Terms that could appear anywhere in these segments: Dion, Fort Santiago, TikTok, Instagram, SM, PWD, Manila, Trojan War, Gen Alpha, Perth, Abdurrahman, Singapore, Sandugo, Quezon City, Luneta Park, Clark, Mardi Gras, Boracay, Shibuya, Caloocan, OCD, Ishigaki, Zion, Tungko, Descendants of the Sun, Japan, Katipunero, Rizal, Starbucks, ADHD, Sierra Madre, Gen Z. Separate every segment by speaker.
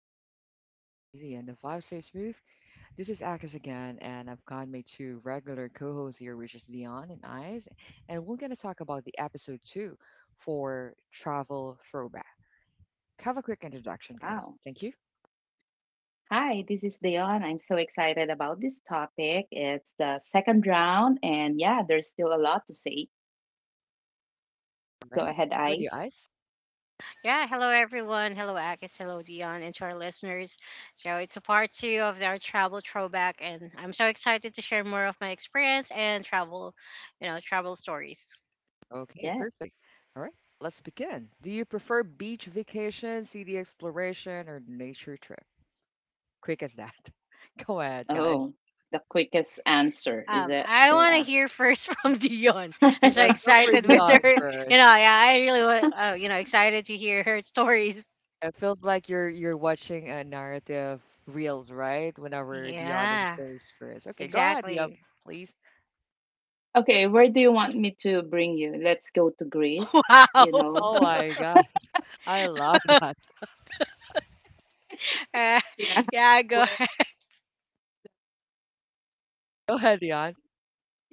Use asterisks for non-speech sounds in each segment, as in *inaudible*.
Speaker 1: where conversation flow easy and the vibe stays smooth. This is Akis again, and I've got my two regular co-hosts here, which is Dion and Eyes, and we're gonna talk about the episode two for travel throwback. Have a quick introduction,
Speaker 2: Wow.
Speaker 1: guys. Thank you.
Speaker 2: Hi, this is Dion. I'm so excited about this topic. It's the second round, and yeah, there's still a lot to say.
Speaker 1: All
Speaker 2: Go
Speaker 1: right.
Speaker 2: ahead,
Speaker 1: How about you,
Speaker 2: Ice.
Speaker 1: Eyes?
Speaker 3: Yeah, hello everyone. Hello Akis, hello Dion, and to our listeners. So it's a part two of our travel throwback, and I'm so excited to share more of my experience and travel, travel stories.
Speaker 1: Okay,
Speaker 2: Yeah.
Speaker 1: perfect. All right, let's begin. Do you prefer beach vacation, city exploration, or nature trip? Quick as that. *laughs* Go ahead,
Speaker 2: Oh,
Speaker 1: guys.
Speaker 2: the quickest answer is it?
Speaker 3: I want to
Speaker 2: Yeah.
Speaker 3: hear first *laughs* from Dion. I'm so
Speaker 1: Let's go for
Speaker 3: excited with
Speaker 2: *laughs*
Speaker 1: Dion
Speaker 3: her.
Speaker 1: first.
Speaker 3: Yeah, I really, excited to hear her stories.
Speaker 1: It feels like you're watching a narrative reels, right? Whenever Dion is
Speaker 3: Yeah,
Speaker 1: shows first. Okay, go ahead, Dion,
Speaker 3: exactly.
Speaker 1: please.
Speaker 2: Okay, where do you want me to bring you? Let's go to
Speaker 3: *laughs*
Speaker 2: Greece, you
Speaker 3: Wow.
Speaker 2: know?
Speaker 1: Oh
Speaker 2: *laughs*
Speaker 1: my God, *laughs* I love
Speaker 3: *laughs*
Speaker 1: that.
Speaker 3: Uh,
Speaker 2: yeah.
Speaker 3: yeah, go
Speaker 2: Where?
Speaker 3: ahead.
Speaker 1: Go ahead, Dion.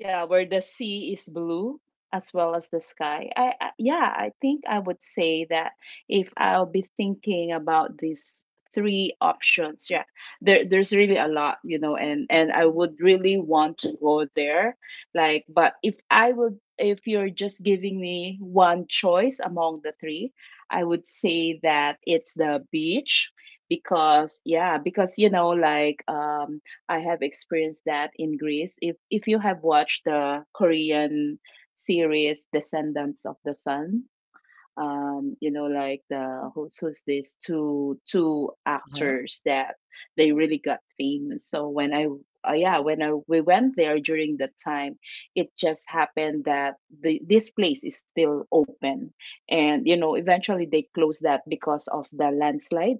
Speaker 2: Yeah, where the sea is blue as well as the sky. I, I think I would say that if I'll be thinking about these three options, yeah, there's really a lot, you know, and I would really want to go there. Like, but if I would, if you're just giving me one choice among the three, I would say that it's the beach because yeah, because you know, like I have experienced that in Greece. If you have watched the Korean series Descendants of the Sun, you know, like the who's this two
Speaker 1: Uh-huh.
Speaker 2: actors that they really got famous. So when I we went there during that time, it just happened that the this place is still open, and you know, eventually they closed that because of the landslide,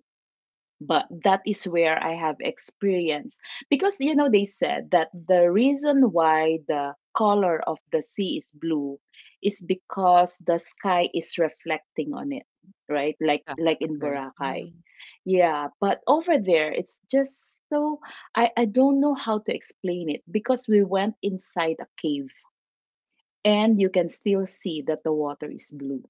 Speaker 2: but that is where I have experience because you know they said that the reason why the color of the sea is blue is because the sky is reflecting on it, right?
Speaker 1: Yeah,
Speaker 2: Like in
Speaker 1: agree.
Speaker 2: Boracay.
Speaker 1: Mhm.
Speaker 2: Yeah, but over there it's just so, I don't know how to explain it because we went inside a cave and you can still see that the water is blue,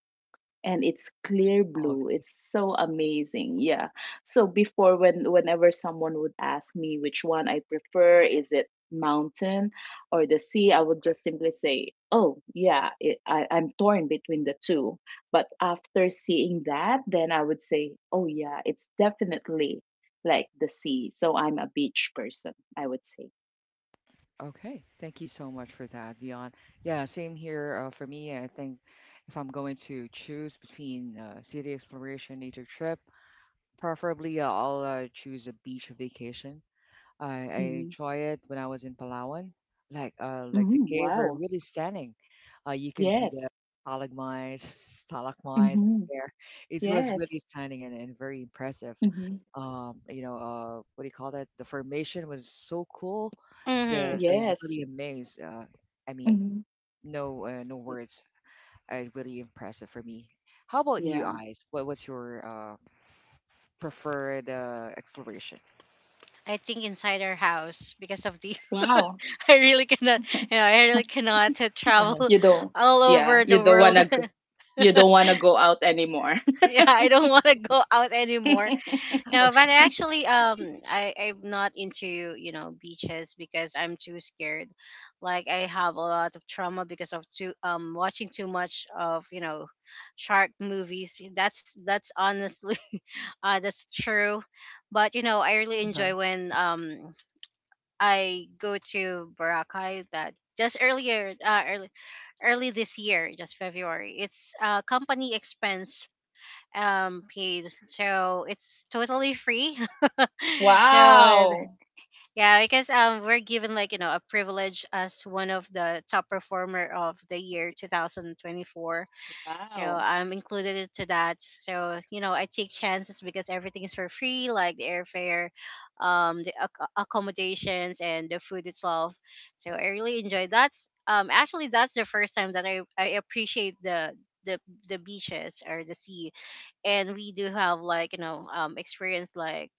Speaker 2: and it's clear
Speaker 1: Oh,
Speaker 2: blue.
Speaker 1: okay.
Speaker 2: It's so amazing, yeah. So before, whenever someone would ask me which one I prefer, is it mountain or the sea, I would just simply say, oh yeah, I'm torn between the two. But after seeing that, then I would say, oh yeah, it's definitely like the sea, so I'm a beach person, I would say.
Speaker 1: Okay. Thank you so much for that, Dion. Yeah, same here for me. I think if I'm going to choose between city exploration, nature trip, preferably I'll choose a beach vacation. I
Speaker 2: Hmm.
Speaker 1: enjoy it when I was in Palawan. Like the
Speaker 2: Hmm.
Speaker 1: cave are
Speaker 2: Wow.
Speaker 1: really stunning. You can see the
Speaker 2: Yes.
Speaker 1: stalagmites out
Speaker 2: Hmm.
Speaker 1: there. It was really
Speaker 2: Yes.
Speaker 1: stunning and very impressive.
Speaker 2: Hmm.
Speaker 1: What do you call that? The formation was so cool that
Speaker 3: Hmm.
Speaker 1: you
Speaker 2: Yes.
Speaker 1: really amazed. I mean,
Speaker 2: Hmm.
Speaker 1: no words. Really impressive for me. How about you,
Speaker 2: Yeah.
Speaker 1: Eyes? What was your preferred exploration?
Speaker 3: I think inside our house because of the
Speaker 2: Wow.
Speaker 3: *laughs* I really cannot, I really cannot
Speaker 1: Uh-huh.
Speaker 3: travel
Speaker 2: You don't.
Speaker 3: *laughs* all
Speaker 2: Yeah.
Speaker 3: over
Speaker 2: You
Speaker 3: the
Speaker 2: don't
Speaker 3: world.
Speaker 2: wanna
Speaker 3: *laughs*
Speaker 2: go, you don't wanna go out anymore.
Speaker 3: Yeah, I don't want to go out anymore.
Speaker 2: *laughs*
Speaker 3: No, but I actually, I'm not into beaches because I'm too scared. Like I have a lot of trauma because of too watching too much of shark movies. That's honestly, *laughs* that's true. But you know, I really
Speaker 1: Uh-huh.
Speaker 3: enjoy when I go to Boracay that just earlier, early this year, just February. It's company expense paid, so it's totally free. *laughs* So
Speaker 2: Wow.
Speaker 3: yeah, because we're given like you know a privilege as one of the top performer of the year 2024, so
Speaker 2: Wow.
Speaker 3: I'm included into that. So you know, I take chances because everything is for free, like the airfare, the accommodations, and the food itself. So I really enjoy that. Actually, that's the first time that I appreciate the the beaches or the sea. And we do have like you know experience like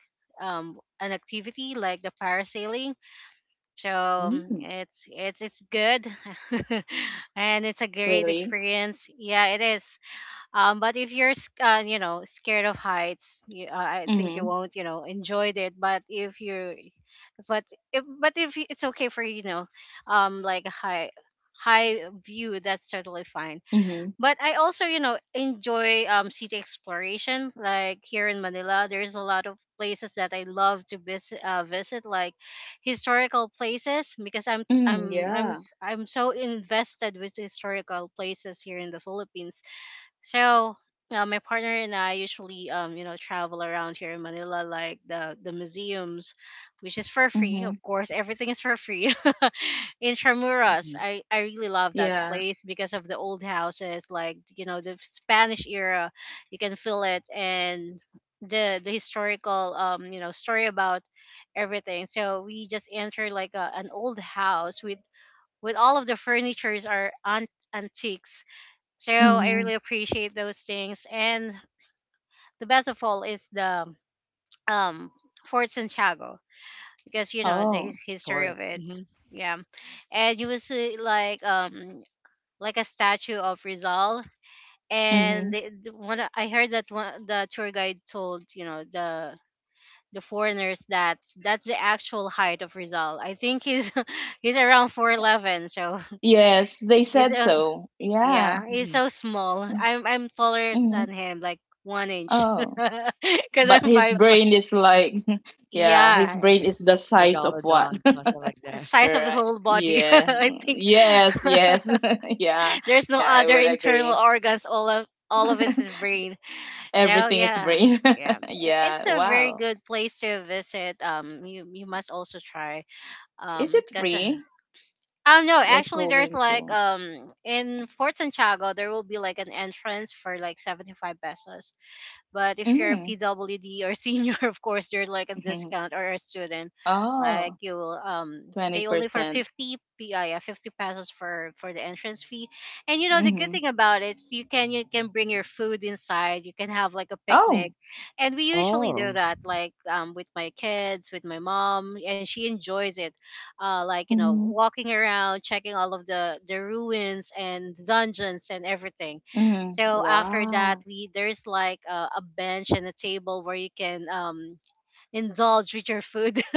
Speaker 3: an activity like the parasailing. So
Speaker 2: Mm,
Speaker 3: it's good, *laughs* and it's a great
Speaker 2: really?
Speaker 3: experience. Yeah, it is. But if you're, you know, scared of heights, you, I think you
Speaker 2: Mhm.
Speaker 3: won't, you know, enjoy it. But but if you- it's okay for you know, like a high view, that's totally fine.
Speaker 2: Mhm.
Speaker 3: But I also, you know, enjoy city exploration. Like here in Manila, there's a lot of places that I love to visit, like historical places because
Speaker 2: Mm, yeah.
Speaker 3: I'm so invested with historical places here in the Philippines. So my partner and I usually you know travel around here in Manila like the museums, which is for free, of
Speaker 2: Mhm.
Speaker 3: course everything is for free. *laughs* In Tramuras,
Speaker 1: Hmm.
Speaker 3: I really love that
Speaker 2: Yeah.
Speaker 3: place because of the old houses like you know the Spanish era, you can feel it, and the historical you know story about everything. So we just enter like a, an old house with all of the furnitures are antiques, so I
Speaker 2: Mhm.
Speaker 3: really appreciate those things. And the best of all is the um Fort Santiago because you know the
Speaker 2: Oh.
Speaker 3: history
Speaker 1: Sorry.
Speaker 3: of it.
Speaker 1: Mm-hmm.
Speaker 3: Yeah, and you will see like a statue of Rizal. And
Speaker 2: Mhm.
Speaker 3: they, the one I heard, that one the tour guide told you know the foreigners that that's the actual height of Rizal. I think he's *laughs* he's around 4'11", so.
Speaker 2: Yes,
Speaker 3: *laughs*
Speaker 2: they
Speaker 3: He's
Speaker 2: said
Speaker 3: a—
Speaker 2: so. Yeah.
Speaker 3: Yeah, he's
Speaker 1: Mhm.
Speaker 3: so small. I'm taller
Speaker 2: Mhm.
Speaker 3: than him, like 1 inch, *laughs*
Speaker 2: Oh.
Speaker 3: because
Speaker 2: But
Speaker 3: I'm
Speaker 2: his
Speaker 3: five.
Speaker 2: brain is like, *laughs* yeah, his
Speaker 3: Yeah,
Speaker 2: brain is the size of
Speaker 1: Megalodon,
Speaker 2: what? *laughs*
Speaker 1: something like that.
Speaker 3: size
Speaker 1: *laughs*
Speaker 3: of the
Speaker 2: Right.
Speaker 3: whole body. *laughs*
Speaker 2: Yeah.
Speaker 3: I
Speaker 2: Mm,
Speaker 3: think
Speaker 2: yes,
Speaker 3: *laughs*
Speaker 2: yes. *laughs* Yeah.
Speaker 3: there's no
Speaker 2: Yeah, I
Speaker 3: other
Speaker 2: would
Speaker 3: internal
Speaker 2: agree.
Speaker 3: organs. All of it's in
Speaker 2: *laughs*
Speaker 3: brain. So
Speaker 2: Everything is
Speaker 3: yeah,
Speaker 2: free.
Speaker 3: yeah,
Speaker 2: *laughs*
Speaker 3: it's
Speaker 2: Yeah.
Speaker 3: a very
Speaker 2: Wow.
Speaker 3: good place to visit. You must also try.
Speaker 2: Is it
Speaker 3: Because.
Speaker 2: free?
Speaker 3: No,
Speaker 2: Like
Speaker 3: actually there's
Speaker 2: going
Speaker 3: like
Speaker 2: to.
Speaker 3: in Fort Santiago there will be like an entrance for like 75 pesos. But if you're a
Speaker 2: Mm.
Speaker 3: PWD or senior, *laughs* of course, there's like a
Speaker 2: Mhm.
Speaker 3: discount or a student, like
Speaker 2: Oh,
Speaker 3: you will
Speaker 2: twenty
Speaker 3: pay only for
Speaker 2: percent.
Speaker 3: 50 pesos for the entrance fee. And you know the good
Speaker 2: Mm-hmm.
Speaker 3: thing about it, is you can bring your food inside. You can have like a picnic,
Speaker 2: Oh.
Speaker 3: and we usually do
Speaker 1: Oh,
Speaker 3: that like with my kids, with my mom, and she enjoys it, like you know
Speaker 2: Mm-hmm.
Speaker 3: walking around checking all of the ruins and dungeons and everything.
Speaker 2: Mm-hmm.
Speaker 3: So after that,
Speaker 2: Wow.
Speaker 3: we there's like a bench and a table where you can indulge with your food *laughs*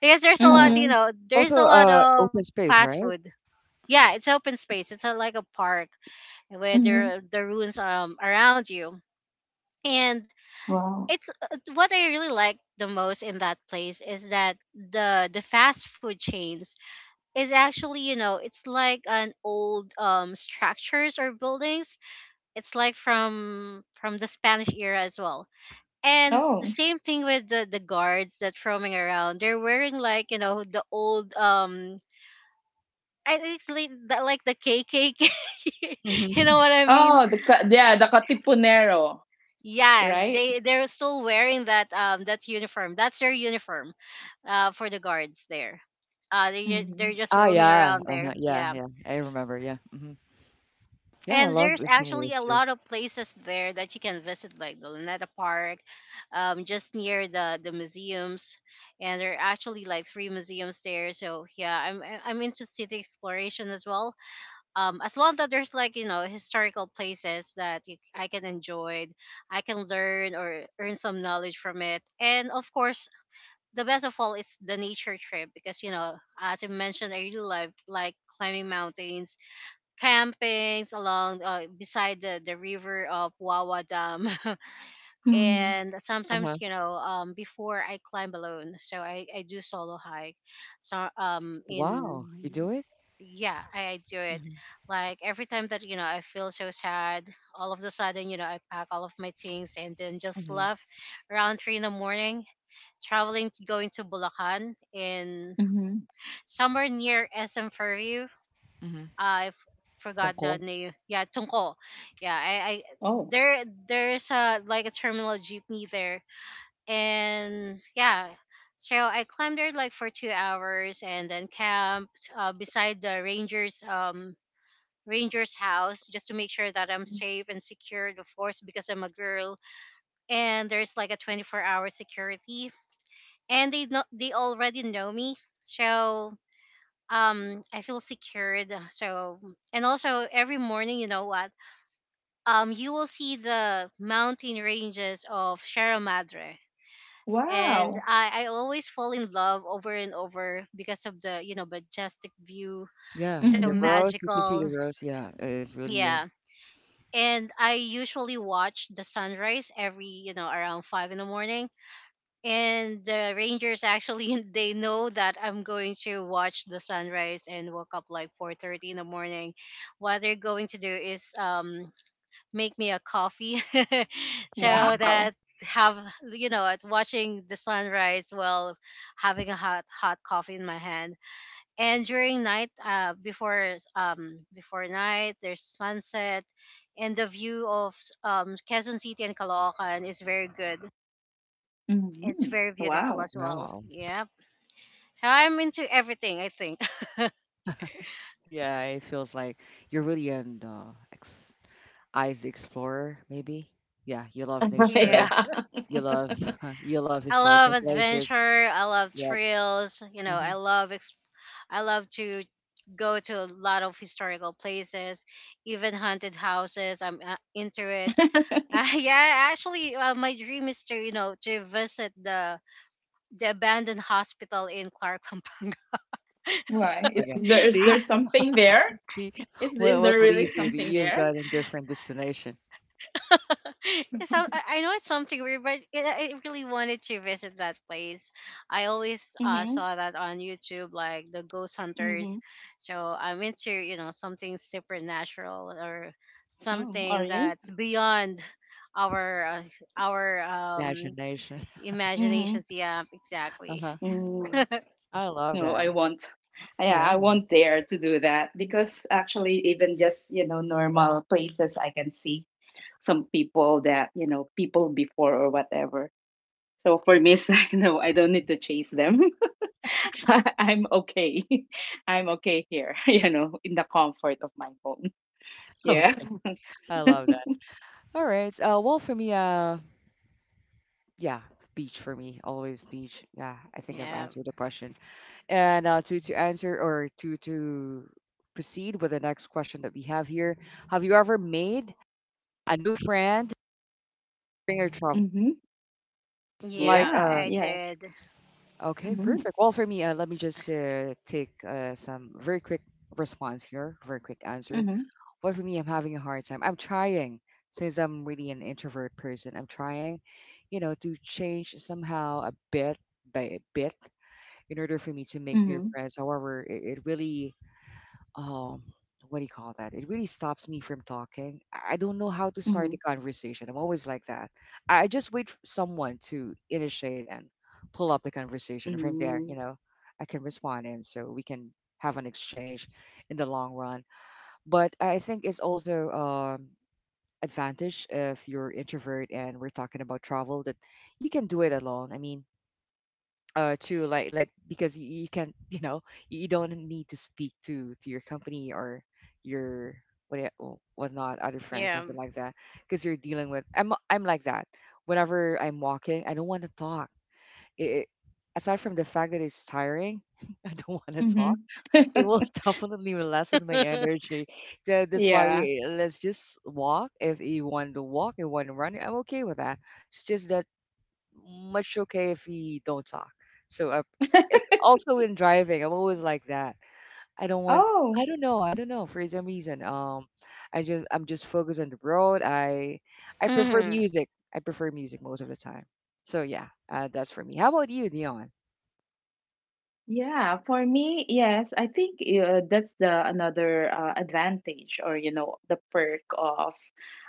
Speaker 3: because there's a
Speaker 1: yeah.
Speaker 3: lot, you
Speaker 2: Mm-hmm.
Speaker 3: know, there's
Speaker 1: Also,
Speaker 3: a lot of
Speaker 1: open space,
Speaker 3: fast
Speaker 1: right?
Speaker 3: food. Yeah, it's open space. It's like a park where
Speaker 2: Mm-hmm.
Speaker 3: there the ruins around you, and
Speaker 2: Wow.
Speaker 3: it's what I really like the most in that place is that the fast food chains is actually you know it's like an old structures or buildings, it's like from the Spanish era as well. And the
Speaker 2: Oh.
Speaker 3: same thing with the guards that roaming around. They're wearing like, you know, the old I think it's like like the KKK. *laughs* You know
Speaker 1: Mhm.
Speaker 3: what I mean?
Speaker 2: Oh, the ca- yeah, the Katipunero,
Speaker 3: Yeah,
Speaker 2: right?
Speaker 3: they're still wearing that uniform. That's their uniform for the guards there.
Speaker 2: Mm-hmm.
Speaker 3: They're just
Speaker 1: Ah,
Speaker 3: roaming
Speaker 1: yeah.
Speaker 3: around there.
Speaker 1: Uh-huh. Yeah,
Speaker 3: Yeah.
Speaker 1: yeah. I remember. Yeah. Hmm. Yeah, I
Speaker 3: And
Speaker 1: love
Speaker 3: there's
Speaker 1: eating
Speaker 3: actually a
Speaker 1: whales too.
Speaker 3: lot of places there that you can visit, like the Luneta Park, just near the museums. And there are actually like three museums there. So yeah, I'm into city exploration as well. As long that there's like you know historical places that I can enjoy, I can learn or earn some knowledge from it. And of course, the best of all is the nature trip because you know, as I mentioned, I really like climbing mountains, campings along beside the river of Wawa Dam. *laughs*
Speaker 2: Mm-hmm.
Speaker 3: And sometimes,
Speaker 1: Uh-huh.
Speaker 3: you know, before I climb alone, so I do solo hike. So
Speaker 1: Wow, you
Speaker 3: in
Speaker 1: do it?
Speaker 3: yeah, I do it.
Speaker 1: Mhm.
Speaker 3: Like every time that, you know, I feel so sad, all of a sudden, you know, I pack all of my things and then just
Speaker 1: Mhm.
Speaker 3: left around three in the morning, traveling to going to Bulacan in
Speaker 2: Mm-hmm.
Speaker 3: somewhere near SM for—
Speaker 1: Mhm.
Speaker 3: I f- forgot the
Speaker 1: Tungkol.
Speaker 3: name. Yeah, Tungko. Yeah, I
Speaker 2: Oh,
Speaker 3: there's a like a terminal jeepney there, and yeah. So I climbed there like for 2 hours and then camped beside the rangers ranger's house just to make sure that I'm safe and secure, of course, because I'm a girl. And there's like a 24-hour security, and they know, they already know me. So I feel secured, and also every morning you know what, you will see the mountain ranges of Sierra Madre, and
Speaker 2: wow.
Speaker 3: I always fall in love over and over because of the you know majestic view. It's
Speaker 1: Yeah,
Speaker 3: so
Speaker 1: the
Speaker 2: Mm-hmm.
Speaker 1: rose. You can see
Speaker 3: magical,
Speaker 1: the rose. Yeah, it's really.
Speaker 3: yeah. And I usually watch the sunrise every, you know, around 5 in the morning, and the rangers actually *laughs* they know that I'm going to watch the sunrise and woke up like 4:30 in the morning. What they're going to do is, make me a coffee. *laughs* So
Speaker 1: Mhm.
Speaker 2: Wow.
Speaker 3: that, have, you know, at watching the sunrise while having a hot coffee in my hand. And during night, before, before night there's sunset, and the view of Quezon City and Caloocan is very good. It's
Speaker 2: Mhm.
Speaker 3: very beautiful
Speaker 2: Wow.
Speaker 3: as well.
Speaker 1: Wow.
Speaker 3: Yep. So I'm into everything, I think. *laughs*
Speaker 1: Yeah, it feels like you're really an ex eyes explorer, maybe. Yeah, you love
Speaker 2: *laughs*
Speaker 1: nature.
Speaker 3: Yeah.
Speaker 2: Yeah.
Speaker 1: You love *laughs* you love
Speaker 3: I love
Speaker 1: historical places.
Speaker 3: adventure. I love
Speaker 1: Yep.
Speaker 3: thrills. You know,
Speaker 1: Hmm.
Speaker 3: I love to go to a lot of historical places, even haunted houses. I'm into it.
Speaker 2: *laughs*
Speaker 3: *laughs* Yeah, actually, my dream is to you know to visit the abandoned hospital in Clark, Pampanga.
Speaker 2: Why?
Speaker 1: Okay.
Speaker 2: Is
Speaker 1: See,
Speaker 2: there something there?
Speaker 1: see,
Speaker 2: Is
Speaker 1: what
Speaker 2: is
Speaker 1: what
Speaker 2: there really
Speaker 1: leads you?
Speaker 2: something
Speaker 1: You've
Speaker 2: there?
Speaker 1: got a different destination,
Speaker 3: *laughs* So I know it's something weird, but I really wanted to visit that place. I always
Speaker 2: Mm-hmm.
Speaker 3: saw that on YouTube, like the ghost
Speaker 2: Mm-hmm.
Speaker 3: hunters. So I'm into you know something supernatural or
Speaker 2: Oh,
Speaker 3: something
Speaker 2: are you?
Speaker 3: that's beyond our uh, our
Speaker 1: imagination. *laughs*
Speaker 2: Mm-hmm.
Speaker 3: imaginations. Yeah,
Speaker 1: Uh
Speaker 3: exactly.
Speaker 1: huh.
Speaker 2: Mm.
Speaker 3: *laughs*
Speaker 1: I love
Speaker 2: No,
Speaker 1: that.
Speaker 2: I won't. Yeah,
Speaker 1: Yeah.
Speaker 2: I won't dare to do that because actually, even just you know normal places, I can see some people that you know people before or whatever. So for me, *laughs* it's like no, I don't need to chase them. *laughs* I'm okay. *laughs* I'm okay here, *laughs* you know, in the comfort of my home.
Speaker 1: *laughs*
Speaker 2: Yeah.
Speaker 1: Okay. I
Speaker 2: *laughs*
Speaker 1: love that. All right. Well, for me, yeah, beach for me, always beach. Yeah, I think I've
Speaker 3: Yeah,
Speaker 1: answered the question. And to answer or to proceed with the next question that we have here, have you ever made a new friend during your travel?
Speaker 2: Mm-hmm.
Speaker 3: yeah,
Speaker 1: Like,
Speaker 2: Yeah.
Speaker 3: I
Speaker 2: Yeah.
Speaker 3: did.
Speaker 1: Okay,
Speaker 2: Mm-hmm.
Speaker 1: perfect. Well, for me, let me just take some very quick response here, very quick answer.
Speaker 2: Mm-hmm.
Speaker 1: Well, for me, I'm having a hard time. I'm trying, since I'm really an introvert person, I'm trying, you know, to change somehow a bit by a bit in order for me to make
Speaker 2: Mm-hmm.
Speaker 1: new friends. However, it really um what do you call that? It really stops me from talking. I don't know how to start
Speaker 2: Mm-hmm.
Speaker 1: the conversation. I'm always like that. I just wait for someone to initiate and pull up the conversation. From there, you know, I can respond and so we can have an exchange in the long run. But I think it's also advantage if you're introvert, and we're talking about travel that you can do it alone. I mean, to like because you can't you don't need to speak to your company or your whatnot other friends,
Speaker 3: Yeah.
Speaker 1: something like that, because you're dealing with. I'm like that. Whenever I'm walking, I don't want to talk. it, it- Aside from the fact that it's tiring, *laughs* I don't want to talk.
Speaker 2: Mm-hmm.
Speaker 1: It will
Speaker 2: *laughs*
Speaker 1: *laughs* definitely lessen my
Speaker 3: *laughs*
Speaker 1: energy. So that's why,
Speaker 2: Yeah.
Speaker 1: we, let's just walk. If you want to walk and want to run, I'm okay with that. It's just that much. Okay if we don't talk. So it's
Speaker 2: *laughs*
Speaker 1: also in driving. I'm always like that. I don't want.
Speaker 2: Oh.
Speaker 1: I don't know. For some reason. I'm just focused on the road. I prefer
Speaker 3: Mhm.
Speaker 1: music. I prefer music most of the time. So yeah, that's for me. How about you, Dion?
Speaker 2: Yeah, for me, yes, I think that's the another advantage, or you know the perk of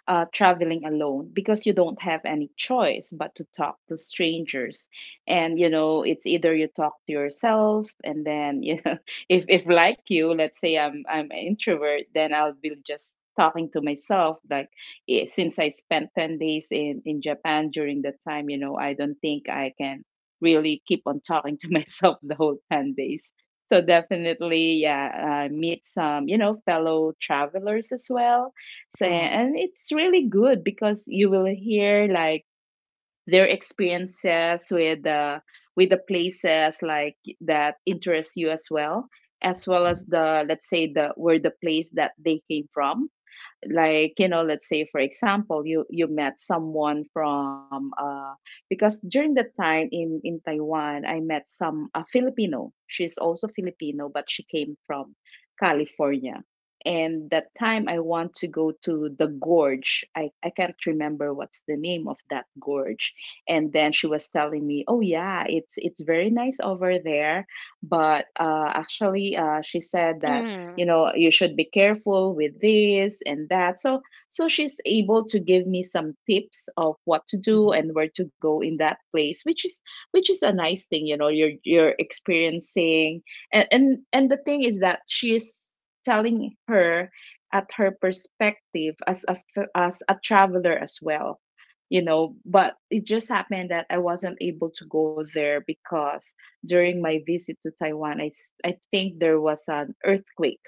Speaker 2: traveling alone, because you don't have any choice but to talk to strangers, and you know it's either you talk to yourself and then *laughs* you know, if like you, let's say I'm an introvert, then I'll be just talking to myself like eh, since I spent 10 days in Japan during that time. You know, I don't think I can really keep on talking to *laughs* myself the whole 10 days. So definitely, yeah, meet some, you know, fellow travelers as well. So,
Speaker 1: Uh-huh.
Speaker 2: and it's really good because you will hear like their experiences with the places like that interest you as well, as well
Speaker 1: Mhm.
Speaker 2: as, the let's say, the where the place that they came from. Like, you know, let's say for example you you met someone from because during that time in Taiwan I met some a Filipino, she's also Filipino, but she came from California. And that time I want to go to the gorge, I can't remember what's the name of that gorge. And then she was telling me, oh yeah, it's very nice over there, but actually she said that,
Speaker 3: Mhm.
Speaker 2: you know, you should be careful with this and that. So so she's able to give me some tips of what to do
Speaker 1: Mhm.
Speaker 2: and where to go in that place, which is a nice thing. You know, you're experiencing. And the thing is that she is telling her at her perspective as a as a traveler as well, you know. But it just happened that I wasn't able to go there because during my visit to Taiwan, I think there was an earthquake,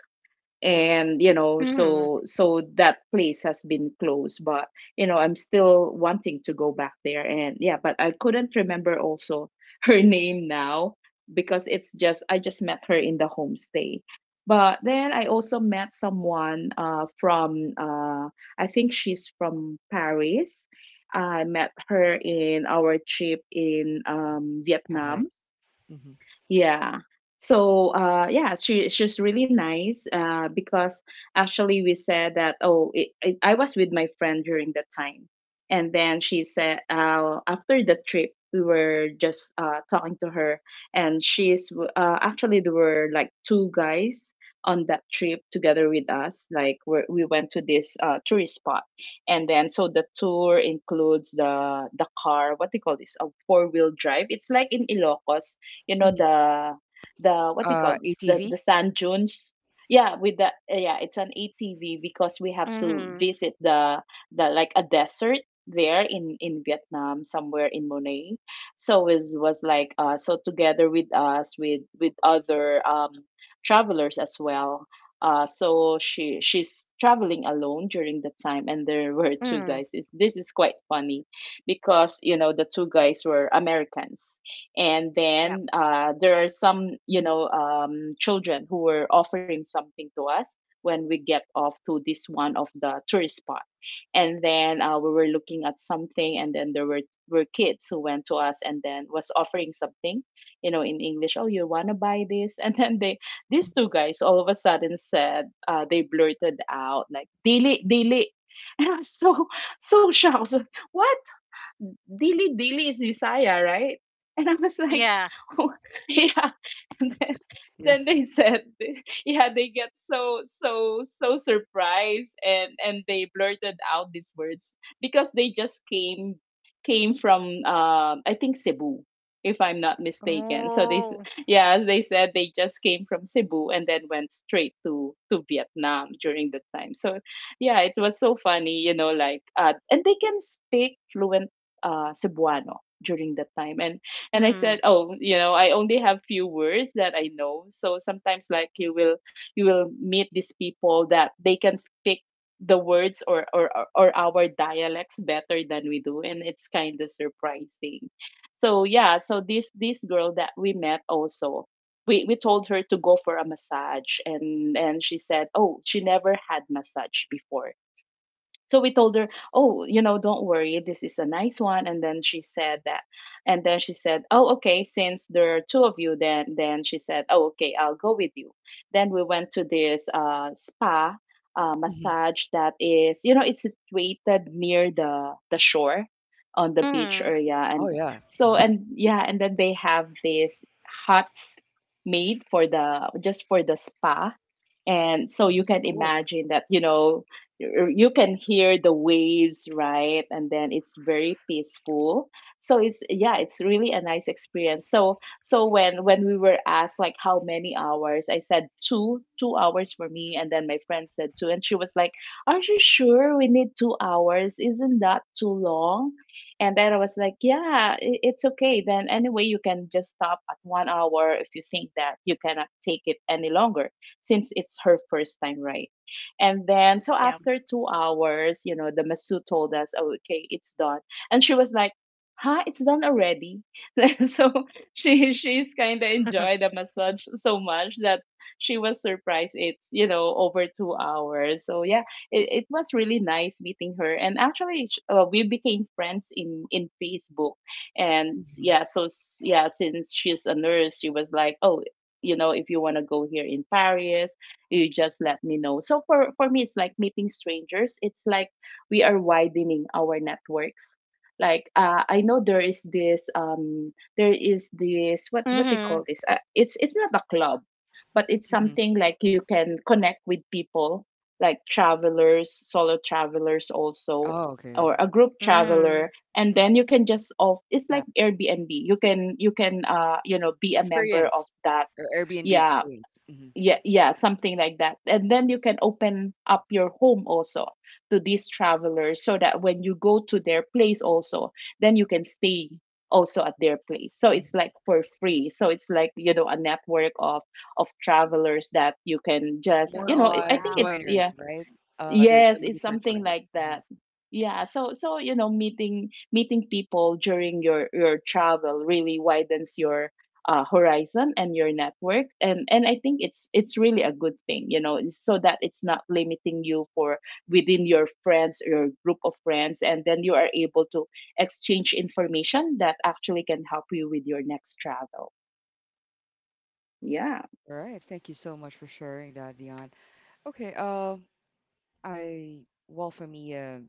Speaker 2: and you know,
Speaker 3: Mhm.
Speaker 2: so so that place has been closed. But, you know, I'm still wanting to go back there. And yeah, but I couldn't remember also *laughs* her name now, because it's just I just met her in the homestay. But then I also met someone from I think she's from Paris. I met her in our trip in
Speaker 1: Mhm.
Speaker 2: Vietnam.
Speaker 1: Paris. Mhm.
Speaker 2: Yeah. So yeah, she she's really nice because actually we said that, oh, I was with my friend during that time. And then she said after the trip we were just talking to her, and she's actually there were like two guys on that trip together with us. Like, we went to this tourist spot, and then so the tour includes the car, what do you call this, a four-wheel drive, it's like in Ilocos, you know,
Speaker 1: Mhm.
Speaker 2: the what do you call this, the
Speaker 1: ATV.
Speaker 2: sand dunes. Yeah, with the yeah, it's an ATV because we have to
Speaker 3: Mhm.
Speaker 2: visit the like a desert there in Vietnam, somewhere in Monet. So it was like, so together with us, with other travelers as well. So she's traveling alone during the time, and there *laughs* were two
Speaker 3: Mhm.
Speaker 2: guys. It's, this is quite funny because you know the two guys were Americans. And
Speaker 3: Yep.
Speaker 2: then there are some, you know, children who were offering something to us when we get off to this, one of the tourist spot. And then we were looking at something, and then there were kids who went to us, and then was offering something, you know, in English, oh, you want to buy this? *laughs* And then they, these two guys, all of a sudden said they blurted out like, "Dili dili." *laughs* And I was so, so shocked. I was like, what? Dili Dili is Visaya, right? And I was like,
Speaker 3: Yeah.
Speaker 2: *laughs* oh, yeah. And
Speaker 1: Yeah.
Speaker 2: then they said, *laughs* yeah, they get so surprised, and they blurted out these words because they just came from I think Cebu, if I'm not mistaken.
Speaker 3: Oh.
Speaker 2: Yeah, they said they just came from Cebu and then went straight to Vietnam during the time. So yeah, it was so funny, you know, like and they can speak fluent Cebuano during that time. And I said,
Speaker 3: Mhm.
Speaker 2: oh, you know, I only have few words that I know. So sometimes like you will meet these people that they can speak the words or or our dialects better than we do, and it's kind of surprising. So yeah, so this girl that we met also. We told her to go for a massage, and she said, oh, she never had massage before. So we told her, oh, you know, don't worry, this is a nice one. And then she said that, and then she said, oh, okay, since there are two of you, then she said, oh, okay, I'll go with you. Then we went to this spa,
Speaker 1: Mhm.
Speaker 2: massage that is, you know, it's situated near the shore on the beach
Speaker 3: Mhm.
Speaker 2: area.
Speaker 1: Oh
Speaker 2: And
Speaker 1: yeah,
Speaker 2: so,
Speaker 1: Mhm.
Speaker 2: and yeah, and then they have these huts made for the just for the spa. And so you
Speaker 1: um,
Speaker 2: can
Speaker 1: cool.
Speaker 2: imagine that, you know, you can hear the waves, right? And then it's very peaceful. So it's, yeah, it's really a nice experience. So, so when we were asked like how many hours, I said two, 2 hours for me, and then my friend said two, and she was like, "Are you sure we need 2 hours? Isn't that too long?" And then I was like, "Yeah, it's okay. Then anyway, you can just stop at 1 hour if you think that you cannot take it any longer," since it's her first time, right? And then, so
Speaker 3: Yeah.
Speaker 2: after 2 hours, the masseuse told us, oh, okay, it's done. And she was like, huh, it's done already. *laughs* So she's kind of
Speaker 3: *laughs*
Speaker 2: enjoyed the massage so much that she was surprised it's, over 2 hours. So yeah, it was really nice meeting her. And actually, we became friends in Facebook. And yeah,
Speaker 1: Mhm.
Speaker 2: since she's a nurse, she was like, oh, you know, if you want to go here in Paris, you just let me know. So for me, it's like meeting strangers. It's like we are widening our networks. I know there is this what they
Speaker 3: Mhm.
Speaker 2: call this, it's not a club, but it's
Speaker 1: Mhm.
Speaker 2: something like you can connect with people, like travelers, solo travelers also,
Speaker 1: Oh, okay.
Speaker 2: or a group
Speaker 3: Mhm.
Speaker 2: traveler. And
Speaker 1: Mm.
Speaker 2: then you can just off, it's
Speaker 1: Yeah.
Speaker 2: like Airbnb. You can, you know, be a member of
Speaker 1: Experience
Speaker 2: that.
Speaker 1: or Airbnb
Speaker 2: Yeah,
Speaker 1: experience. Hmm.
Speaker 2: yeah, yeah, something like that. And then you can open up your home also to these travelers, so that when you go to their place also, then you can stay also at their place. So
Speaker 1: Hmm.
Speaker 2: it's like for free. So it's like, you know, a network of travelers that you can just,
Speaker 1: More
Speaker 3: Oh
Speaker 2: I
Speaker 1: on
Speaker 2: think it's,
Speaker 3: wow.
Speaker 2: yeah.
Speaker 1: joiners, right? They're
Speaker 2: Yes,
Speaker 1: looking
Speaker 2: it's
Speaker 1: for
Speaker 2: something
Speaker 1: joiners.
Speaker 2: like
Speaker 1: Mhm.
Speaker 2: that. Yeah, so so meeting people during your travel really widens your horizon and your network, and I think it's really a good thing, you know, so that it's not limiting you for within your friends, or your group of friends, and then you are able to exchange information that actually can help you with your next travel. Yeah,
Speaker 1: All right. Thank you so much for sharing that, Dion. Okay. I well for me, uh,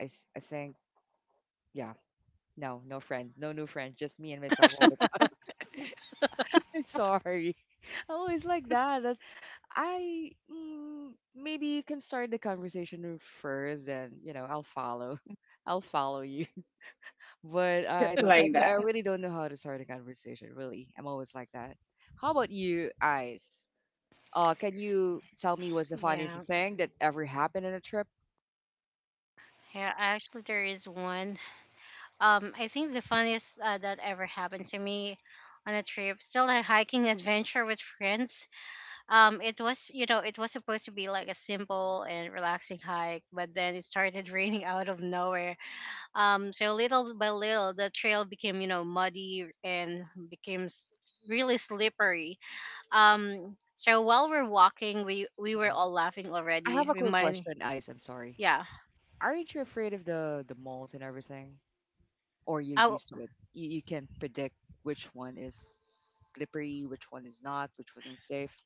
Speaker 1: I s- I think yeah. No, no friends, no new friends, just me and myself all the time. *laughs* I'm sorry. *laughs* I always like that. I mm, maybe you can start the conversation first, and you know I'll follow. *laughs* I'll follow you. But
Speaker 2: just
Speaker 1: I don't,
Speaker 2: like that.
Speaker 1: I really don't know how to start a conversation, really. I'm always like that. How about you, Ice? Can you tell me what's the funniest
Speaker 3: Yeah.
Speaker 1: thing that ever happened on a trip?
Speaker 3: Yeah. Actually, there is one. I think the funniest that ever happened to me on a trip, still a hiking adventure with friends. It was you know it was supposed to be like a simple and relaxing hike, but then it started *laughs* raining out of nowhere. So little by little, the trail became you know muddy and became s- really slippery. So while we're walking, we were
Speaker 1: Mhm.
Speaker 3: all laughing
Speaker 1: I
Speaker 3: already.
Speaker 1: have a quick
Speaker 3: Remind,
Speaker 1: question, Ice. I'm sorry.
Speaker 3: yeah.
Speaker 1: Aren't you afraid of the malls and everything? Or
Speaker 3: I,
Speaker 1: you're
Speaker 3: w-
Speaker 1: used to it? You can predict which one is slippery, which one is not, which wasn't safe.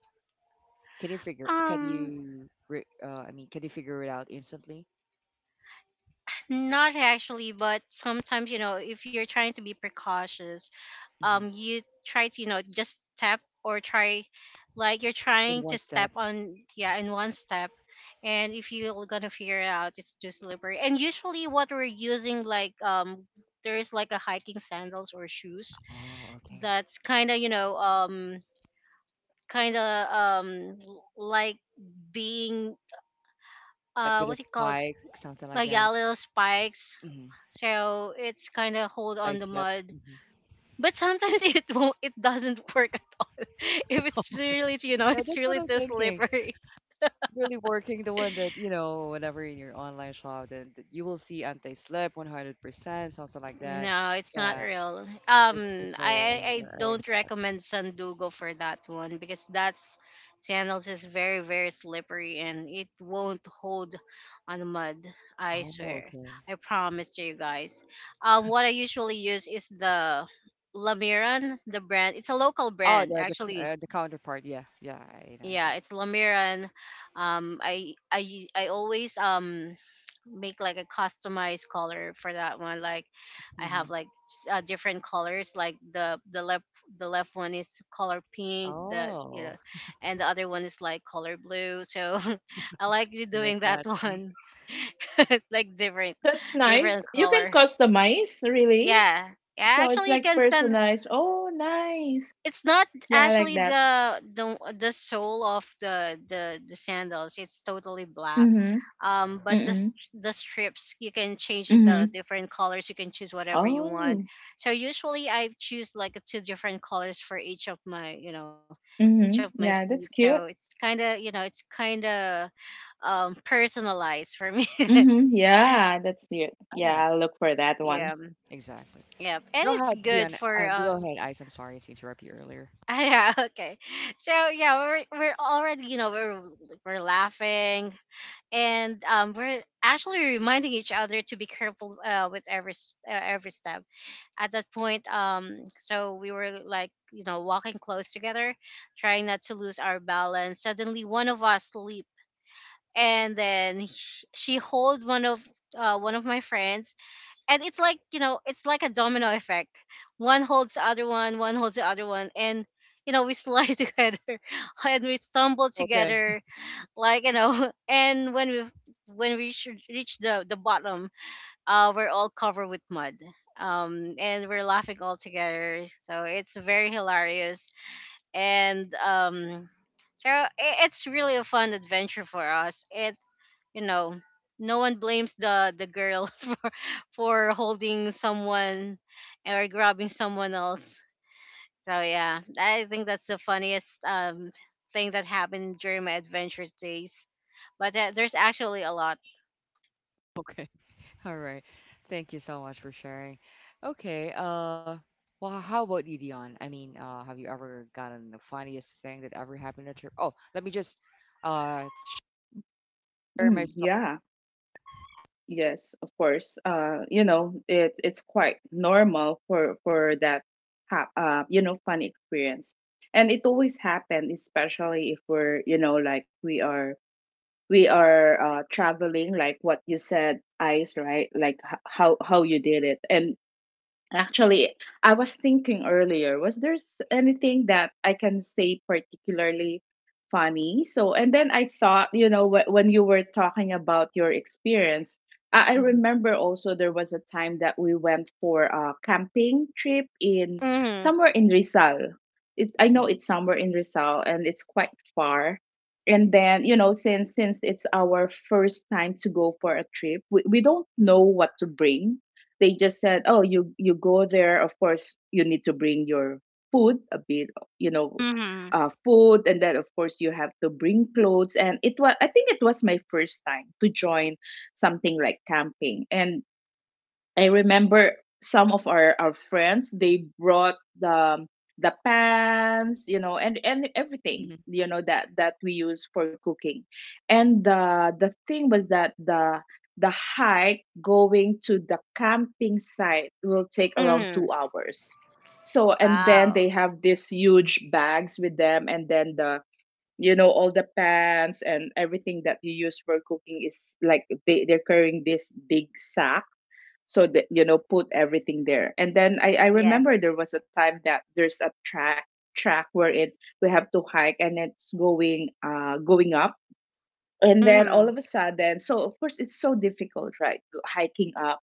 Speaker 1: Can
Speaker 3: um,
Speaker 1: you, I mean, can you figure it out instantly?
Speaker 3: not actually, but sometimes you know, if you're trying to be precautious,
Speaker 1: Mhm.
Speaker 3: you try to you know just step or try, like you're
Speaker 1: In
Speaker 3: trying
Speaker 1: one
Speaker 3: to step
Speaker 1: step?
Speaker 3: on yeah in one step, and if you're gonna figure it out, it's too slippery. And usually, what we're using like. There is like a hiking sandals or shoes
Speaker 1: Oh, okay.
Speaker 3: that's kind of kind of like being
Speaker 1: Like with a
Speaker 3: what's it called,
Speaker 1: spike, something like
Speaker 3: like,
Speaker 1: that.
Speaker 3: yeah, little spikes,
Speaker 1: Hmm.
Speaker 3: so it's kind of hold
Speaker 1: I
Speaker 3: on the
Speaker 1: slept.
Speaker 3: mud.
Speaker 1: Hmm.
Speaker 3: But sometimes *laughs* it doesn't work at all *laughs* if it's really
Speaker 1: Yeah,
Speaker 3: it's
Speaker 1: that's what
Speaker 3: really
Speaker 1: I'm
Speaker 3: too
Speaker 1: thinking.
Speaker 3: slippery.
Speaker 1: Really working the one that, you know, whenever in your online shop, then you will see anti-slip 100%, something like that.
Speaker 3: No, it's not
Speaker 1: Yeah,
Speaker 3: real.
Speaker 1: that's just
Speaker 3: Um, I,
Speaker 1: why
Speaker 3: I I
Speaker 1: I
Speaker 3: don't
Speaker 1: thought.
Speaker 3: recommend Sandugo for that one because that's sandals is very very slippery and it won't hold on the mud. I
Speaker 1: Oh,
Speaker 3: swear,
Speaker 1: okay.
Speaker 3: I promise to you guys. What I usually use is the Lamiran, the brand. It's a local
Speaker 1: Oh,
Speaker 3: brand
Speaker 1: the the c-
Speaker 3: actually.
Speaker 1: uh, the counterpart. Yeah, yeah, I know
Speaker 3: Yeah,
Speaker 1: that.
Speaker 3: it's Lamiran. I always make like a customized color for that one, like I
Speaker 1: Hmm.
Speaker 3: have like different colors, like the left, the left one is color pink, the you
Speaker 1: Oh,
Speaker 3: know and the other one is like color blue, so *laughs* I like you
Speaker 1: it's a
Speaker 3: doing that
Speaker 1: mismatch.
Speaker 3: one. *laughs* Like different,
Speaker 2: That's nice.
Speaker 3: different
Speaker 2: You can
Speaker 3: color.
Speaker 2: customize, really.
Speaker 3: Yeah. Yeah,
Speaker 2: So it's
Speaker 3: actually you
Speaker 2: like
Speaker 3: can send,
Speaker 2: personalized. Oh, nice.
Speaker 3: it's not
Speaker 2: Yeah, I like
Speaker 3: actually
Speaker 2: that.
Speaker 3: the sole of the sandals. It's totally black.
Speaker 2: Mhm.
Speaker 1: Mhm.
Speaker 3: But
Speaker 2: Mhm.
Speaker 3: the strips you can change it to
Speaker 2: Mhm.
Speaker 3: different colors. You can choose whatever you want.
Speaker 2: Oh.
Speaker 3: So usually I choose like two different colors for each of my each of
Speaker 2: Mhm.
Speaker 3: my
Speaker 2: Yeah,
Speaker 3: feet.
Speaker 2: that's
Speaker 3: So
Speaker 2: cute.
Speaker 3: it's kind of it's kind of personalized for me.
Speaker 2: Mhm. Yeah, that's cute. Yeah,
Speaker 1: Yeah,
Speaker 2: I'll look for that
Speaker 3: *laughs*
Speaker 2: one.
Speaker 3: Yeah.
Speaker 1: exactly.
Speaker 3: Yeah, and
Speaker 1: Go
Speaker 3: it's
Speaker 1: ahead, Dion.
Speaker 3: good for
Speaker 1: Go ahead, Ice. I'm sorry to interrupt you earlier.
Speaker 3: *laughs* yeah, okay. So yeah, we're already, you know, we're like, we're laughing and we're actually reminding each other to be careful with every every step. At that point, so we were like, you know, walking close together, trying not to lose our balance. Suddenly one of us leap and then she hold one of my friends, and it's like it's like a domino effect. One holds the other one, one holds the other one, and you know we slide *laughs* together and we stumble
Speaker 1: Okay,
Speaker 3: together, like you know. *laughs* And when we, when we should reach the bottom, we're all covered with mud, and we're laughing all together, so it's very hilarious. And so i- it's really a fun adventure for us. It, you know, no one blames the girl *laughs* for holding someone or grabbing someone else. So yeah, I think that's the funniest thing that happened during my adventure days. But there's actually a lot.
Speaker 1: okay. All right. Thank you so much for sharing. Okay. Well, how about you, Dion? I mean, have you ever gotten the funniest thing that ever happened at your? Oh, let me just uh share my
Speaker 2: Mm,
Speaker 1: story.
Speaker 2: yeah. Yes, of course. You know, it's quite normal for that you know, fun experience. And it always happen, especially if we're, you know, like we are, traveling like what you said, Ice, right? Like how you did it. And actually, I was thinking earlier, was there anything that I can say particularly funny? So, and then I thought, you know, when you were talking about your experience, I
Speaker 1: Hmm.
Speaker 2: remember also there was a time that we went for a camping trip in
Speaker 3: Hmm.
Speaker 2: somewhere in Rizal. I
Speaker 1: Hmm.
Speaker 2: know it's somewhere in Rizal, and it's quite far. And then, you know, since it's our first time to go for a trip, we don't know what to bring. They just said, "Oh, you go there. Of course, you need to bring your food, a bit, you know,
Speaker 3: Hmm.
Speaker 2: food, and then of course you have to bring clothes." And it was, I think, it was my first time to join something like camping, and I remember some of our friends, they brought the pans, you know, and
Speaker 1: Hmm.
Speaker 2: everything, you know, that we use for cooking. And the thing was that the hike going to the camping site will take around
Speaker 3: Hmm.
Speaker 2: 2 hours. So and then they
Speaker 3: Wow.
Speaker 2: have these huge bags with them, and then the you know, all the pans and everything that you use for cooking, is like they, they're carrying this big sack so that you know, put everything there. And then I remember
Speaker 3: Yes.
Speaker 2: there was a time that there's a track, where it, we have to hike, and it's going, going up. And then all
Speaker 3: Hmm.
Speaker 2: of a sudden, so of course it's so difficult, right, hiking up.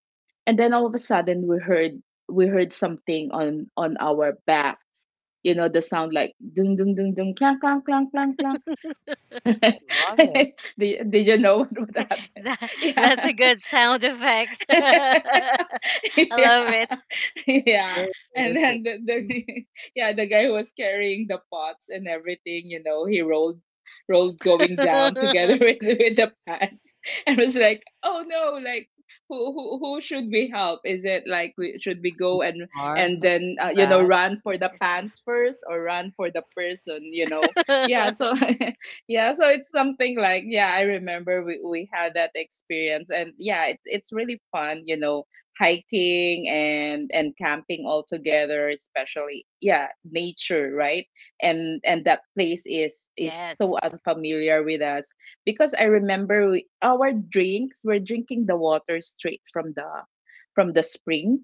Speaker 2: And then all of a sudden we heard, something on our backs, you know, the sound like dung dung dung dung, clang clang clang clang clang. *laughs*
Speaker 1: I love it. It's
Speaker 2: Did you know what
Speaker 3: *laughs*
Speaker 2: happened?
Speaker 3: That,
Speaker 2: *laughs*
Speaker 3: that's
Speaker 2: Yeah.
Speaker 3: a good sound
Speaker 2: *laughs*
Speaker 3: effect. *laughs* I
Speaker 2: *laughs*
Speaker 3: love
Speaker 2: Yeah.
Speaker 3: it.
Speaker 2: *laughs* Yeah.
Speaker 1: Very
Speaker 2: And
Speaker 1: realistic.
Speaker 2: then
Speaker 1: Mhm.
Speaker 2: the *laughs* yeah, the guy who was carrying the pots and everything, you know, he rolled, going down together *laughs* with the pants, and was like, oh no, like. Who should we help? Is it like we should we go,
Speaker 1: Bizarre,
Speaker 2: and then you know,
Speaker 1: bad.
Speaker 2: run for the pants first, or run for the person? You know, yeah. So
Speaker 3: *laughs*
Speaker 2: *laughs* yeah, so it's something like, yeah, I remember we had that experience. And yeah, it's really fun, you know, hiking and camping all together, especially, yeah, nature, right? And that place
Speaker 3: *laughs*
Speaker 2: is so
Speaker 3: Yes.
Speaker 2: unfamiliar with us, because I remember our drinks, we're drinking the water straight from the, spring.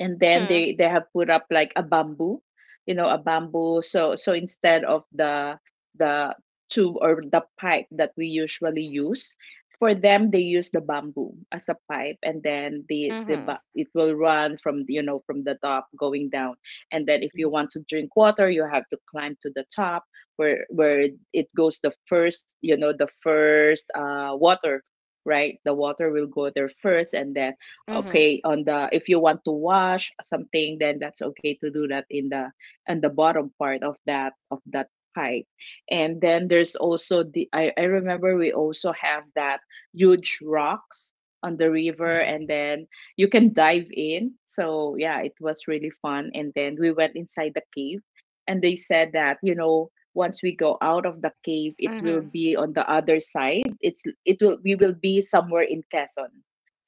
Speaker 2: And then
Speaker 3: Mm-hmm.
Speaker 2: they have put up like a bamboo, you know, a bamboo. So so instead of the tube or the pipe that we usually use, for them, they use the bamboo as a pipe. And then
Speaker 3: Mm-hmm.
Speaker 2: it will run from, you know, from the top going down. And then if you want to drink water, you have to climb to the top, where it goes the first, you know, the first water, right? The water will go there first. And then
Speaker 3: Mm-hmm.
Speaker 2: okay, on the, if you want to wash something, then that's okay to do that, in the, in the bottom part of that pipe. And then there's also the, I remember we also have that huge rocks on the river. And
Speaker 1: Mm-hmm.
Speaker 2: then you can dive in. So yeah, it was really fun. And then we went inside the cave, and they said that you know, once we go out of the cave, it will
Speaker 3: Mhm.
Speaker 2: be on the other side. It's it will We will be somewhere in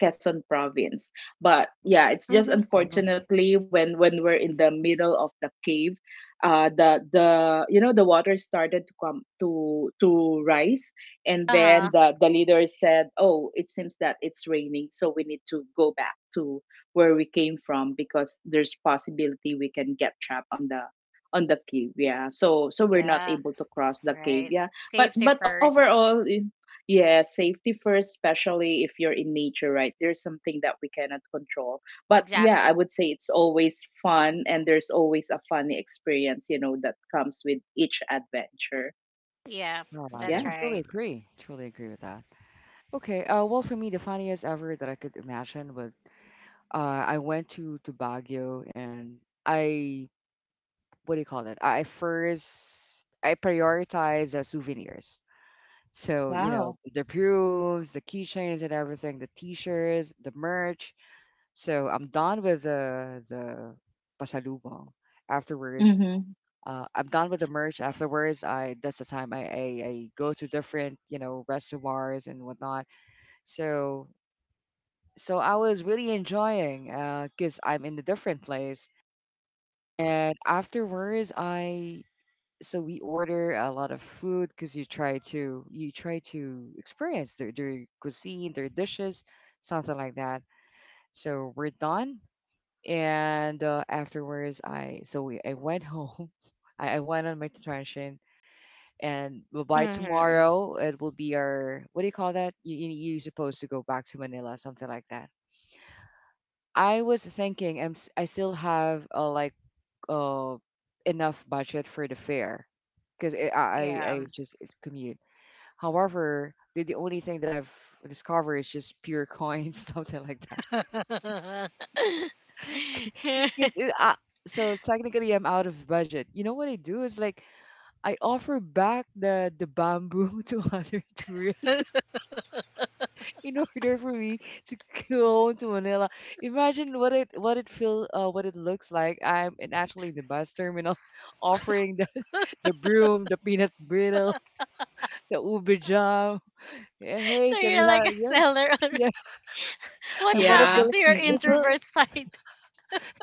Speaker 2: Quezon province. But yeah, it's just
Speaker 3: Mhm.
Speaker 1: Oh,
Speaker 2: unfortunately when we're in the middle of the cave, the, you know, the water started to come, to rise. And
Speaker 3: Uh
Speaker 2: then
Speaker 3: huh.
Speaker 2: the leader said, "Oh, it seems that it's raining, so we need to go back to where we came from, because there's possibility we can get trapped on the, on the cave." Yeah, so so we're not
Speaker 3: Yeah.
Speaker 2: able to cross the cave.
Speaker 3: Right.
Speaker 2: Yeah,
Speaker 3: Safety
Speaker 2: but
Speaker 3: first.
Speaker 2: overall, yeah, safety first, especially if you're in nature, right? There's something that we cannot control. But yeah, I
Speaker 3: Exactly.
Speaker 2: would say it's always fun, and there's always a funny experience, you know, that comes with each adventure.
Speaker 3: Yeah.
Speaker 1: no, I love
Speaker 3: That's
Speaker 1: that.
Speaker 2: Yeah.
Speaker 1: Truly
Speaker 3: right.
Speaker 1: agree. Truly agree with that. Okay. Well, for me, the funniest ever that I could imagine was uh, I went to Baguio, and I, what do you call it? I first I prioritize souvenirs. So you know,
Speaker 2: Wow.
Speaker 1: the perfumes, the keychains, and everything, the T-shirts, the merch. So I'm done with the pasalubong. Afterwards,
Speaker 2: Mm-hmm.
Speaker 1: I'm done with the merch. Afterwards, I, that's the time I go to different, you know, restaurants and whatnot. So so I was really enjoying because I'm in a different place. And afterwards, I, so we, order a lot of food because you try to experience their cuisine their dishes something like that so we're done and afterwards I so I went home. *laughs* I went on my detention, and well, by
Speaker 3: Mhm.
Speaker 1: tomorrow it will be our, what do you call that, you're supposed to go back to Manila, something like that. I was thinking, I still have like, uh, enough budget for the fare, because I, I
Speaker 3: Yeah.
Speaker 1: I just commute. However, the only thing that I've discovered is just pure coins, *laughs* something like that.
Speaker 3: *laughs* So
Speaker 1: *laughs* Because it, uh, so technically, I'm out of budget. You know what I do is like, I offer back the bamboo *laughs* to other tourists *laughs* in order for me to *laughs* go home to Manila. Imagine what it looks like. I'm in actually the bus terminal, *laughs* offering the broom, the peanut brittle, the ubi jam. Yeah, hey, can we
Speaker 3: you're
Speaker 1: have,
Speaker 3: like a
Speaker 1: yeah.
Speaker 3: seller.
Speaker 1: *laughs* Yeah?
Speaker 3: *laughs* What
Speaker 1: I'm one of
Speaker 2: Yeah.
Speaker 3: happened
Speaker 1: the,
Speaker 3: to your
Speaker 1: if
Speaker 3: introvert side? *laughs*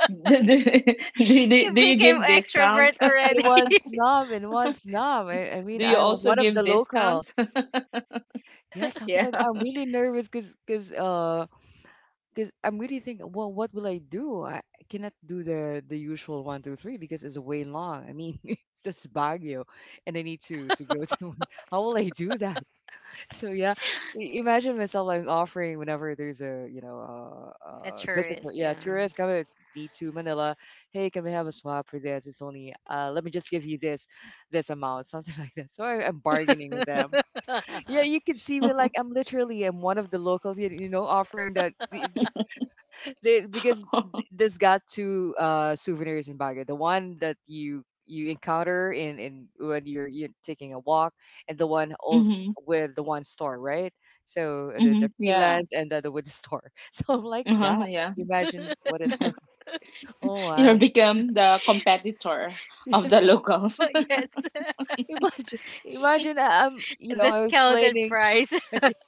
Speaker 2: Do, do, *laughs* do
Speaker 3: You
Speaker 2: do you
Speaker 3: became
Speaker 2: give
Speaker 3: extrovert
Speaker 2: discounts? *laughs*
Speaker 3: already.
Speaker 1: it one snob, in one snob. I
Speaker 2: Do
Speaker 1: mean,
Speaker 2: you
Speaker 1: I'm
Speaker 2: also
Speaker 1: one of
Speaker 2: give
Speaker 1: the local.
Speaker 2: discounts?
Speaker 1: Yeah,
Speaker 2: *laughs*
Speaker 1: something
Speaker 2: Yeah.
Speaker 1: like that. I'm
Speaker 2: *laughs*
Speaker 1: really nervous, because, because I'm really thinking, well, what will I do? I cannot do the usual one, two, three because it's way long. I mean, *laughs* that's Baguio, and I need to go to. *laughs* How will I do that? So yeah, imagine myself like, offering whenever there's a
Speaker 3: *laughs* A
Speaker 1: visitor,
Speaker 3: tourist.
Speaker 1: yeah,
Speaker 3: Yeah.
Speaker 1: tourist coming, need to Manila. Hey, can we have a swap for this? It's only uh, let me just give you this amount, something *laughs* like that. So I'm bargaining with them. Yeah,
Speaker 3: *laughs*
Speaker 1: you can see me
Speaker 2: Mm-hmm.
Speaker 1: like, I am one of the locals, offering that. *laughs* Because there's got two souvenirs in Baguio. The one that you encounter in when you're taking a walk, and the one also with the one store, right? So
Speaker 2: Mm-hmm.
Speaker 1: the
Speaker 2: Yeah.
Speaker 1: freelance and the with the store. *laughs* So I'm like that.
Speaker 2: Uh-huh. Yeah.
Speaker 1: Imagine what it *laughs* looks like. Oh
Speaker 2: You
Speaker 1: my.
Speaker 2: become the competitor
Speaker 1: *laughs*
Speaker 2: of the
Speaker 1: Yes.
Speaker 2: locals. *laughs*
Speaker 3: Yes. *laughs*
Speaker 1: Imagine imagine I- I'm you know, I'm
Speaker 3: Discounted
Speaker 1: explaining.
Speaker 3: price. *laughs*
Speaker 1: *laughs*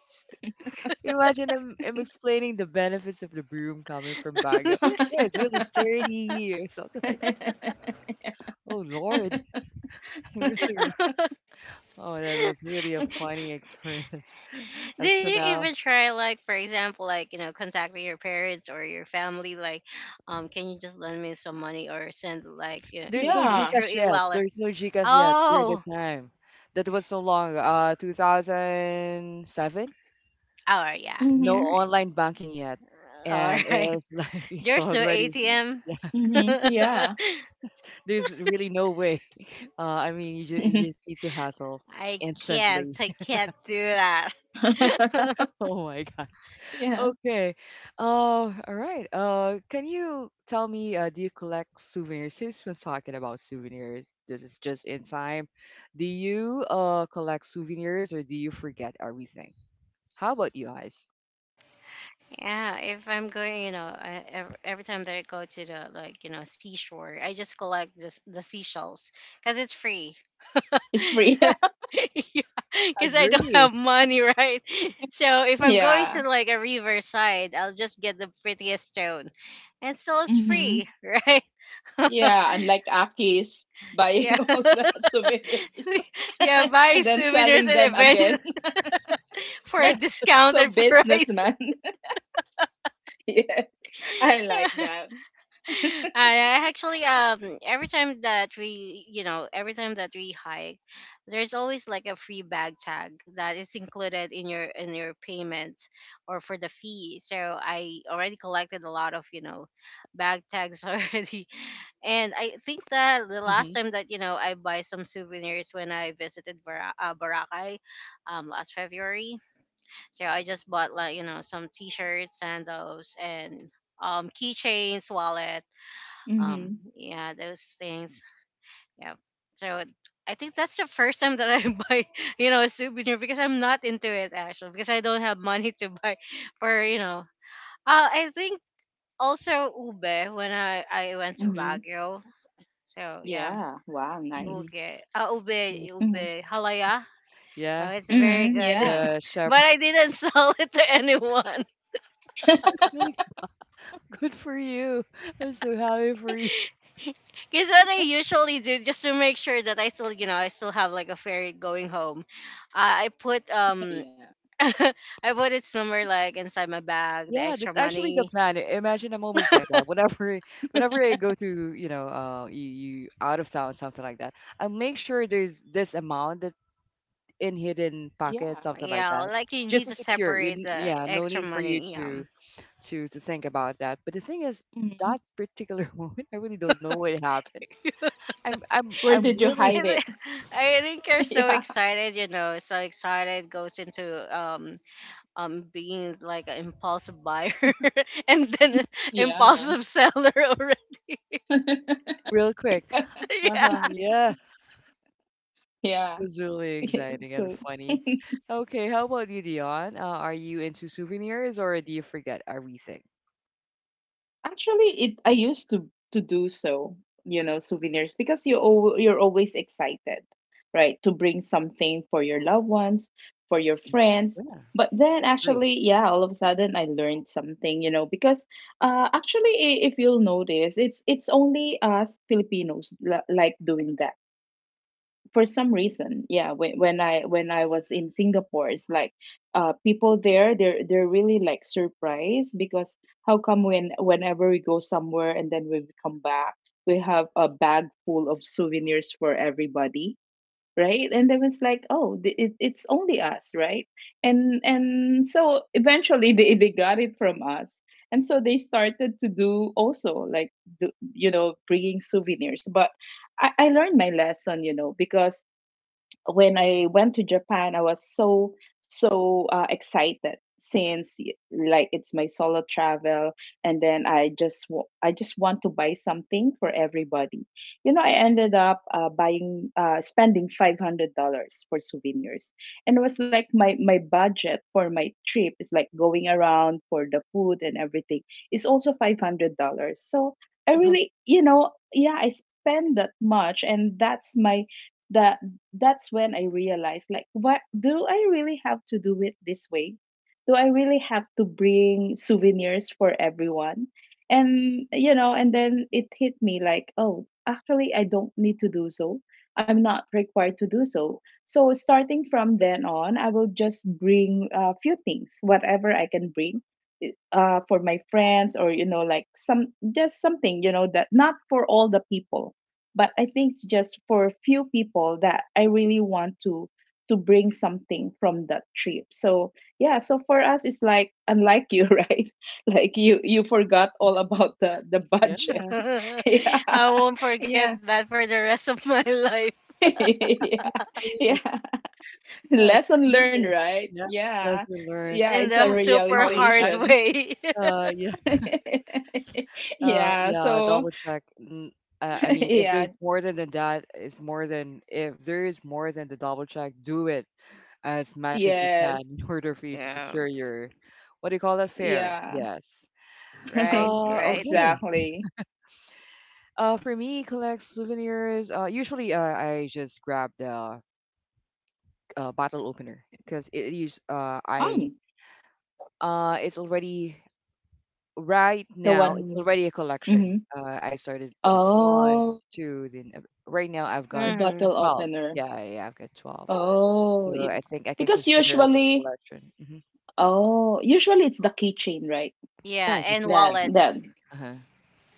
Speaker 1: Imagine I'm explaining the benefits of the broom coming from Baguio. Yeah, it's really
Speaker 2: *laughs*
Speaker 1: sturdy or something like. Oh Lord. *laughs* Really? Oh, that was really a funny experience. *laughs* Up to
Speaker 3: Did you
Speaker 1: now,
Speaker 3: even try, like, for example, like, you know, contacting your parents or your family, like, can you just lend me some money or send, like, you know,
Speaker 1: there's no
Speaker 2: Yeah.
Speaker 3: through
Speaker 1: GCash
Speaker 3: e
Speaker 1: yet.
Speaker 3: wallet?
Speaker 1: There's no GCash yet during the
Speaker 3: Oh,
Speaker 1: time. That was so long, 2007.
Speaker 3: oh, yeah, yeah,
Speaker 1: No
Speaker 2: Mhm.
Speaker 3: right.
Speaker 1: online banking yet,
Speaker 3: All
Speaker 1: and
Speaker 3: right.
Speaker 1: it's like *laughs*
Speaker 3: *laughs*
Speaker 1: it's
Speaker 3: There's no
Speaker 1: already.
Speaker 3: ATM.
Speaker 1: Yeah,
Speaker 2: Mhm.
Speaker 3: *laughs*
Speaker 2: Yeah.
Speaker 1: there's really no way. *laughs* I mean, you
Speaker 2: Mhm.
Speaker 1: just need to hustle
Speaker 3: I
Speaker 1: instantly.
Speaker 3: I
Speaker 1: *laughs*
Speaker 3: can't do that. *laughs*
Speaker 2: *laughs*
Speaker 1: Oh my God.
Speaker 2: Yeah.
Speaker 1: Okay. All right. Can you tell me, do you collect souvenirs? Since we're talking about souvenirs, this is just in time. Do you collect souvenirs or do you forget everything? How about you guys?
Speaker 3: Yeah, if I'm going, you know, every time that I go to the, like, you know, seashore, I just collect just the seashells because it's free.
Speaker 2: It's free.
Speaker 3: *laughs*
Speaker 2: *laughs*
Speaker 3: Yeah, because I don't
Speaker 1: Agree.
Speaker 3: have money, right? *laughs* So if I'm going to
Speaker 2: Yeah.
Speaker 3: like a riverside, I'll just get the prettiest stone, and still it's free,
Speaker 2: Mhm.
Speaker 3: right? *laughs*
Speaker 2: Yeah, unlike Aki's
Speaker 3: Yeah.
Speaker 2: buying *laughs* all the souvenirs
Speaker 3: *laughs* Yeah,
Speaker 2: *laughs*
Speaker 3: buy
Speaker 2: and then
Speaker 3: souvenirs
Speaker 2: selling
Speaker 3: and
Speaker 2: them
Speaker 3: eventually
Speaker 2: again. *laughs*
Speaker 3: *laughs* for a
Speaker 1: Yeah.
Speaker 2: So
Speaker 3: discounted price.
Speaker 2: businessman. *laughs* Yeah. I like
Speaker 3: *laughs*
Speaker 2: that.
Speaker 3: I I actually every time that we every time that we hike, there's always like a free bag tag that is included in your payment or for the fee. So I already collected a lot of bag tags *laughs* already, and I think that the
Speaker 1: hmm
Speaker 3: last time that you know I buy some souvenirs when I visited Boracay, last February. So I just bought like you know some t-shirts, sandals, and keychains, wallet,
Speaker 2: Mhm.
Speaker 3: yeah, those things. Yeah. So I think that's the first time that I *laughs* buy, you know, a souvenir, because I'm not into it actually because I don't have money to buy for you know. I think also ube when I went to
Speaker 2: Mhm.
Speaker 3: Baguio. So yeah,
Speaker 2: Yeah. Wow, nice.
Speaker 1: hmm
Speaker 3: buge ube,
Speaker 1: Yeah.
Speaker 2: Mhm.
Speaker 3: ube halaya. Oh,
Speaker 1: Yeah,
Speaker 3: it's very
Speaker 2: Mhm.
Speaker 3: good,
Speaker 2: Yeah.
Speaker 1: the
Speaker 3: *laughs* but
Speaker 1: shepherd
Speaker 3: I didn't *laughs* sell it to anyone.
Speaker 1: *laughs* is really good for you. I'm so happy for you.
Speaker 3: *laughs* Because what I usually do, just to make sure that I still, you know, I still have like a ferry going home, I put
Speaker 2: *laughs* Yeah.
Speaker 3: *laughs* I put it somewhere like inside my bag, the
Speaker 1: Yeah,
Speaker 3: extra
Speaker 1: that's actually the
Speaker 3: money.
Speaker 1: plan. I- Imagine I'm always like that. Whenever, *laughs* whenever I go to, you know, you out of town, something like that, I make sure there's this amount that in hidden pocket,
Speaker 2: Yeah.
Speaker 1: something like
Speaker 3: Yeah,
Speaker 1: that,
Speaker 3: like you
Speaker 1: just
Speaker 3: need
Speaker 1: to
Speaker 3: to
Speaker 1: secure.
Speaker 3: separate
Speaker 1: Yeah,
Speaker 3: the
Speaker 1: no
Speaker 3: extra
Speaker 1: need for you
Speaker 3: money.
Speaker 1: to to think about that. But the thing is,
Speaker 2: Mhm.
Speaker 1: that particular *laughs* moment, I really don't know what happened.
Speaker 3: *laughs*
Speaker 1: I'm I'm
Speaker 2: Where
Speaker 1: I'm
Speaker 2: did you
Speaker 1: really
Speaker 2: hide
Speaker 3: And I
Speaker 2: it?
Speaker 3: I think you're
Speaker 2: *laughs*
Speaker 3: so
Speaker 2: Yeah.
Speaker 3: excited, you know, so excited, goes into being like an impulsive buyer *laughs* and then an
Speaker 2: Yeah.
Speaker 3: impulsive seller already.
Speaker 1: *laughs* real quick.
Speaker 3: *laughs*
Speaker 1: Uh
Speaker 2: *laughs*
Speaker 3: Yeah.
Speaker 1: huh. Yeah.
Speaker 2: Yeah.
Speaker 1: Was really
Speaker 2: *laughs*
Speaker 1: exciting
Speaker 2: So
Speaker 1: and funny. Okay, how about you, Dion? Are you into souvenirs or do you forget everything?
Speaker 2: actually, it I used to do so, you know, souvenirs, because you, you're always excited, right? To bring something for your loved ones, for your friends.
Speaker 1: Yeah,
Speaker 2: But then
Speaker 1: great.
Speaker 2: actually, yeah, all of a sudden I learned something, you know, because if you'll notice, it's only us Filipinos, like doing that, for some reason. Yeah, when I was in Singapore, it's like people there, they're really like surprised because how come, when, whenever we go somewhere, and then when we come back, we have a bag full of souvenirs for everybody, right? And they was like, oh, it, it's only us, right? And so eventually *laughs* they got it from us, and so they started to do also like do, you know, bringing souvenirs. But I learned my lesson, you know, because when I went to Japan, I was so, excited, since like it's my solo travel. And then I just, I just want to buy something for everybody. You know, I ended up, buying spending $500 for souvenirs. And it was like my budget for my trip is like, going around for the food and everything, is also $500. So I
Speaker 1: Uh-huh.
Speaker 2: really, you know, yeah, I spend that much, and that's my, the that's when I realized, like, what, do I really have to do it this way? Do I really have to bring souvenirs for everyone? And you know, and then it hit me, like, oh, actually I don't need to do so. I'm not required to do so. So starting from then on, I will just bring a few things, whatever I can bring i- for my friends or you know like some just something you know that not for all the people but I think it's just for a few people that I really want to bring something from that trip. So yeah, so for us it's like unlike you *laughs* right, like you forgot all about the
Speaker 1: Yeah,
Speaker 2: budget.
Speaker 3: *laughs*
Speaker 1: *laughs*
Speaker 3: I
Speaker 2: *laughs* Yeah.
Speaker 3: won't forget
Speaker 2: Yeah.
Speaker 3: that for the rest of *laughs* my life,
Speaker 2: *laughs*
Speaker 1: it's
Speaker 2: Yeah.
Speaker 1: crazy.
Speaker 2: Yeah,
Speaker 1: Yes,
Speaker 2: lesson learned,
Speaker 1: souvenir.
Speaker 2: right?
Speaker 1: Yeah,
Speaker 2: Yeah.
Speaker 1: lesson learned.
Speaker 2: Yeah,
Speaker 3: in
Speaker 2: it's a
Speaker 3: the
Speaker 1: Always
Speaker 3: super
Speaker 1: double
Speaker 3: hard
Speaker 1: check.
Speaker 2: realization.
Speaker 3: way.
Speaker 1: Uh, yeah,
Speaker 2: *laughs* Yeah,
Speaker 1: yeah,
Speaker 2: so.
Speaker 1: double check. I
Speaker 2: *laughs*
Speaker 1: mean, if
Speaker 2: Yeah.
Speaker 1: there's more than the that, it's more than if there is more than the double check, do it as much as you can
Speaker 2: Yes.
Speaker 1: in *laughs* order for
Speaker 3: *laughs*
Speaker 1: you to
Speaker 3: Yeah,
Speaker 1: secure your what do you call that? Fair.
Speaker 2: Yeah.
Speaker 1: Yes.
Speaker 3: right,
Speaker 2: *laughs* Yeah,
Speaker 3: right.
Speaker 1: Okay.
Speaker 2: exactly.
Speaker 1: For me, collect souvenirs. Usually, I just grab the bottle opener because it is.
Speaker 2: Fun.
Speaker 1: I it's already right
Speaker 2: The
Speaker 1: now. It's
Speaker 2: one.
Speaker 1: already a collection.
Speaker 2: Mhm.
Speaker 1: I started just one,
Speaker 2: Oh,
Speaker 1: two. Then right now I've got
Speaker 3: Mhm.
Speaker 2: bottle
Speaker 1: 12.
Speaker 2: opener.
Speaker 1: I've got 12.
Speaker 2: Oh,
Speaker 1: So
Speaker 2: y-
Speaker 1: I think I can
Speaker 2: because
Speaker 1: consider it as
Speaker 2: usually,
Speaker 1: collection.
Speaker 2: oh, usually it's the keychain, right?
Speaker 1: Yeah,
Speaker 3: Yeah,
Speaker 1: it's a
Speaker 3: and
Speaker 2: That
Speaker 1: keychain.
Speaker 3: wallets.
Speaker 2: then
Speaker 1: Uh-huh.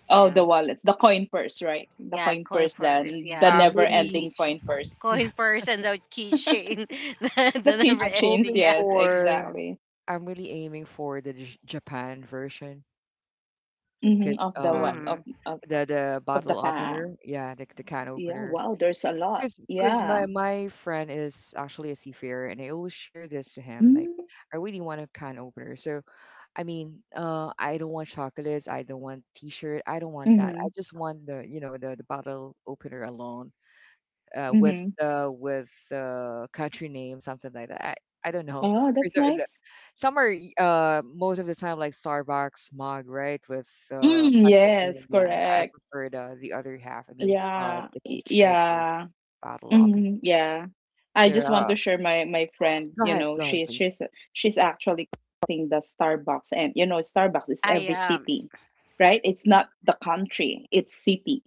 Speaker 2: Oh,
Speaker 3: Yeah.
Speaker 2: the wallets, the coin purse, right? The
Speaker 3: Yeah,
Speaker 2: coin
Speaker 3: coin
Speaker 2: purse,
Speaker 3: purse,
Speaker 2: then the
Speaker 3: yeah,
Speaker 1: I'm
Speaker 3: and
Speaker 1: really,
Speaker 2: never-ending
Speaker 3: keychain.
Speaker 2: coin purse.
Speaker 1: yeah.
Speaker 3: Coin
Speaker 2: *laughs*
Speaker 3: purse and the keychain. *laughs* the
Speaker 2: The
Speaker 3: the never
Speaker 1: I'm
Speaker 2: keychains,
Speaker 3: ending,
Speaker 1: hoping
Speaker 3: yeah.
Speaker 2: yes,
Speaker 1: for.
Speaker 2: exactly.
Speaker 1: I'm really aiming for the Japan version.
Speaker 2: Hmm.
Speaker 1: 'Cause,
Speaker 2: Of the what,
Speaker 3: Mm-hmm.
Speaker 2: of
Speaker 1: the
Speaker 2: of the
Speaker 1: bottle
Speaker 2: ka.
Speaker 1: opener, yeah, the can
Speaker 2: Yeah,
Speaker 1: opener.
Speaker 2: wow, there's a lot.
Speaker 1: Because my
Speaker 2: Yeah.
Speaker 1: my friend is actually a seafarer, and I always share this to him, like,
Speaker 2: Mm-hmm.
Speaker 1: I really want a can opener. So, I mean, I don't want chocolates, I don't want T-shirt, I don't want that.
Speaker 2: Mm-hmm.
Speaker 1: I just want the, you know, the bottle opener alone, uh, with
Speaker 2: Mm-hmm.
Speaker 1: uh, with uh, country name, something like that. I don't know.
Speaker 2: Oh,
Speaker 1: There's
Speaker 2: that's
Speaker 1: the-
Speaker 2: nice.
Speaker 1: Some are most of the time like Starbucks mug, right? With
Speaker 2: Mm,
Speaker 1: country
Speaker 2: yes,
Speaker 1: name. Yeah, I
Speaker 2: correct.
Speaker 1: prefer the other half. I mean,
Speaker 2: Yeah,
Speaker 1: the
Speaker 2: y-
Speaker 1: keychain or
Speaker 2: yeah,
Speaker 1: bottle opener.
Speaker 2: hmm, yeah. I
Speaker 1: So
Speaker 2: just want to share, my friend, you know,
Speaker 1: go ahead,
Speaker 2: she's
Speaker 1: please.
Speaker 2: she's she's actually collecting the Starbucks, and you know, Starbucks is
Speaker 3: I
Speaker 2: every city, right? It's not the country; it's city.